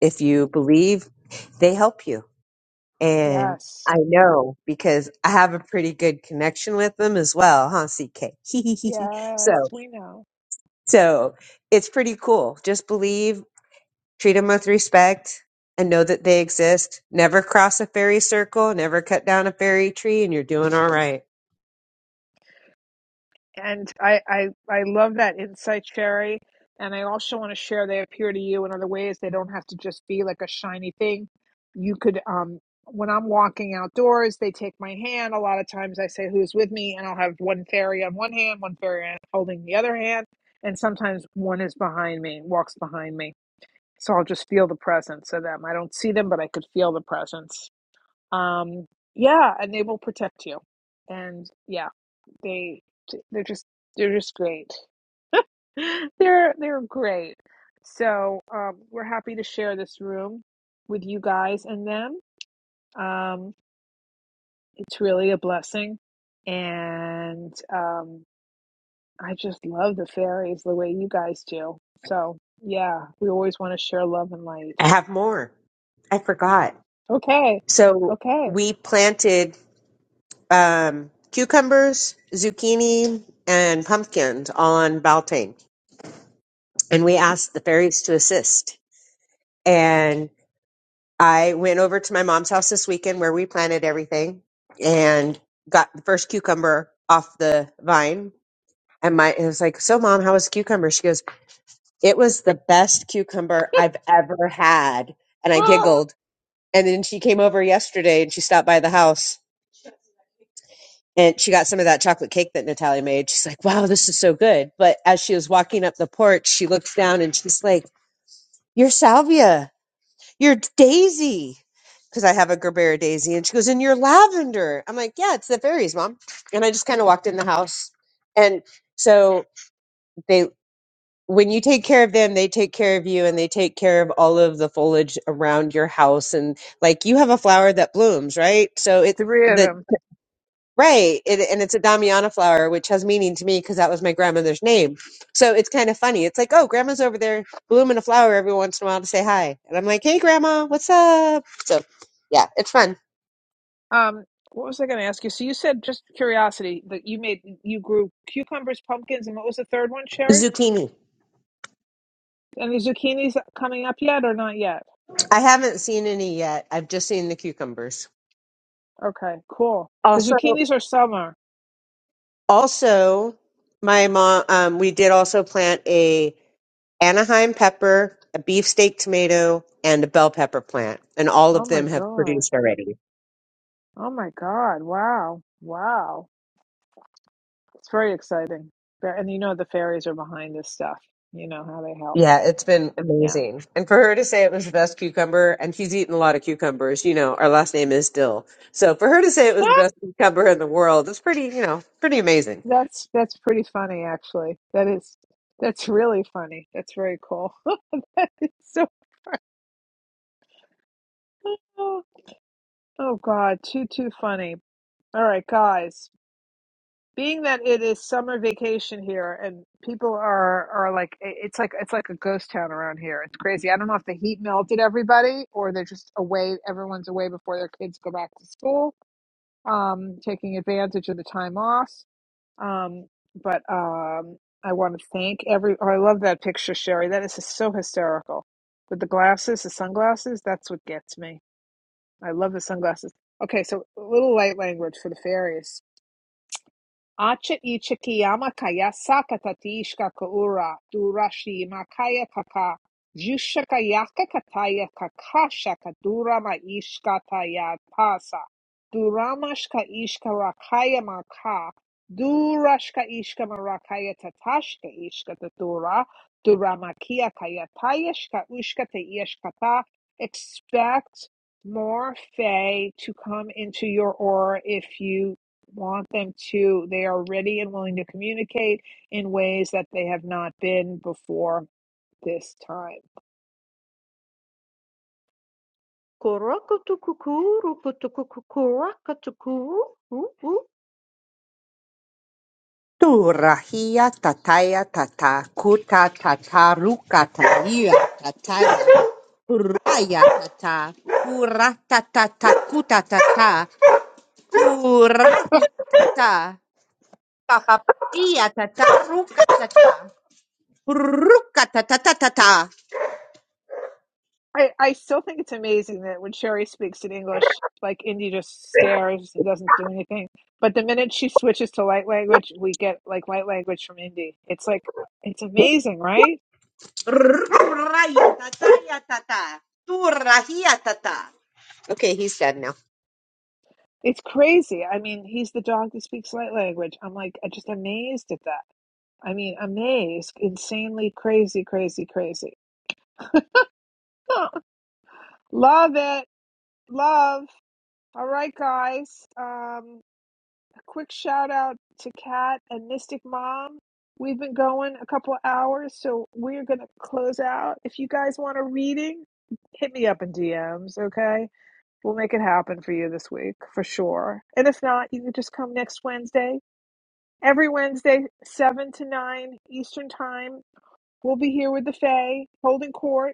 [SPEAKER 4] If you believe, they help you. And
[SPEAKER 1] Yes.
[SPEAKER 4] I know because I have a pretty good connection with them as well, huh? CK. <laughs> so
[SPEAKER 1] Yes, we know.
[SPEAKER 4] so it's pretty cool. Just believe treat them with respect and know that they exist. Never cross a fairy circle, never cut down a fairy tree, and you're doing all right.
[SPEAKER 1] And I, I, I love that insight, Sherry. And I also want to share they appear to you in other ways. They don't have to just be like a shiny thing. You could, um, when I'm walking outdoors, they take my hand. A lot of times I say, Who's with me? And I'll have one fairy on one hand, one fairy on- holding the other hand. And sometimes one is behind me, walks behind me. So I'll just feel the presence of them. I don't see them, but I could feel the presence. Um, yeah, and they will protect you. And yeah. They they're just they're just great. <laughs> They're they're great. So um, we're happy to share this room with you guys and them. Um, it's really a blessing, and um, I just love the fairies the way you guys do. So yeah, we always want to share love and light.
[SPEAKER 4] I have more. I forgot.
[SPEAKER 1] Okay,
[SPEAKER 4] So
[SPEAKER 1] okay.
[SPEAKER 4] we planted um, cucumbers, zucchini, and pumpkins all on Beltane, And we asked the fairies to assist. And I went over to my mom's house this weekend where we planted everything and got the first cucumber off the vine and my it was like, so mom, how was the cucumber? She goes, It was the best cucumber I've ever had. And I
[SPEAKER 1] Ah,
[SPEAKER 4] giggled. And then she came over yesterday and she stopped by the house and she got some of that chocolate cake that Natalia made. She's like, wow, this is so good. But as she was walking up the porch, she looks down and she's like, "Your salvia, your daisy. Because I have a Gerbera daisy. And she goes, and your lavender. I'm like, yeah, it's the fairies, mom. And I just kind of walked in the house. And so they when you take care of them, they take care of you and they take care of all of the foliage around your house. And like you have a flower that blooms, right? So it's
[SPEAKER 1] Three of
[SPEAKER 4] the
[SPEAKER 1] them.
[SPEAKER 4] right. It, and it's a Damiana flower, which has meaning to me because that was my grandmother's name. So it's kind of funny. It's like, oh, grandma's over there blooming a flower every once in a while to say hi. And I'm like, hey, grandma, what's up? So yeah, it's fun.
[SPEAKER 1] Um, what was I going to ask you? So you said just curiosity that you made you grew cucumbers, pumpkins, and what was the third one, Sherry?
[SPEAKER 4] Zucchini.
[SPEAKER 1] Any zucchinis coming up yet or not yet?
[SPEAKER 4] I haven't seen any yet. I've just seen the cucumbers.
[SPEAKER 1] Okay, cool. Because
[SPEAKER 4] Also,
[SPEAKER 1] zucchinis are summer.
[SPEAKER 4] also, my mom, um, we did also plant a Anaheim pepper, a beefsteak tomato, and a bell pepper plant. And all
[SPEAKER 1] Oh
[SPEAKER 4] of
[SPEAKER 1] my
[SPEAKER 4] them have
[SPEAKER 1] God.
[SPEAKER 4] produced already.
[SPEAKER 1] Oh my God. Wow. Wow. It's very exciting. Fa- And you know the fairies are behind this stuff. You know how they help.
[SPEAKER 4] Yeah, it's been
[SPEAKER 1] Yeah.
[SPEAKER 4] amazing. And for her to say it was the best cucumber, and she's eaten a lot of cucumbers, you know, our last name is Dill. So for her to say it was the
[SPEAKER 1] Ah,
[SPEAKER 4] best cucumber in the world, it's pretty, you know, pretty amazing.
[SPEAKER 1] That's that's pretty funny actually. That is that's really funny. That's very cool. <laughs> so <gasps> oh God, too too funny. All right, guys. being that it is summer vacation here and people are are like it's like it's like a ghost town around here it's crazy i don't know if the heat melted everybody or they're just away everyone's away before their kids go back to school um taking advantage of the time off um but um i want to thank every oh, i love that picture sherry that is just so hysterical with the glasses the sunglasses that's what gets me i love the sunglasses okay so a little light language for the fairies Acha ichikiyama kaya saka kaura durashi makaya kaka jushaka kataya kakasha kadurama ishka taya pasa duramashka ishka rakaya maka durashka ishka marakaya tatashka ishka tatura duramakia kaya tayashka ushka tayashkata expect more fae to come into your aura if you want them to. They are ready and willing to communicate in ways that they have not been before this time.
[SPEAKER 2] Kurokotokukurokotokorokotoku.
[SPEAKER 4] Tu rahia tataya tata kuta tata ruka talia tataya kuraya tata kurata tata kuta tata
[SPEAKER 1] <laughs>
[SPEAKER 4] Purahitatata. Papapatia tata rukatata. Rukatatatata.
[SPEAKER 1] I, I still think it's amazing that when Sherry speaks in English, like Indy just stares and doesn't do anything. But the minute she switches to light language, we get like light language from Indy. It's like, it's amazing, right?
[SPEAKER 4] Rurayatatatata. Turahiatata. Okay, he's done now.
[SPEAKER 1] It's crazy. I mean, he's the dog that speaks light language. I'm like, I'm just amazed at that. I mean, amazed, insanely crazy, crazy, crazy. <laughs> Love it. Love. All right, guys. Um, a quick shout out to Kat and Mystic Mom. We've been going a couple hours, so we're going to close out. If you guys want a reading, hit me up in DMs, okay? We'll make it happen for you this week for sure. And if not, you can just come next Wednesday. Every Wednesday, 7 to 9 Eastern Time, we'll be here with the Fae holding court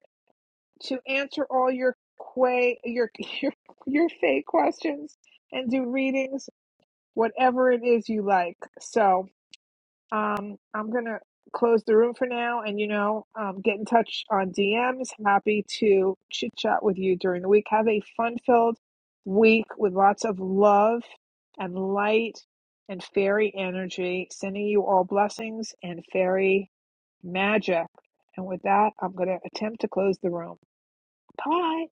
[SPEAKER 1] to answer all your quay your <laughs> your your fake questions and do readings whatever it is you like so um i'm gonna close the room for now and you know um, get in touch on dms happy to chit chat with you during the week have a fun filled week with lots of love and light and fairy energy sending you all blessings and fairy magic and with that i'm going to attempt to close the room bye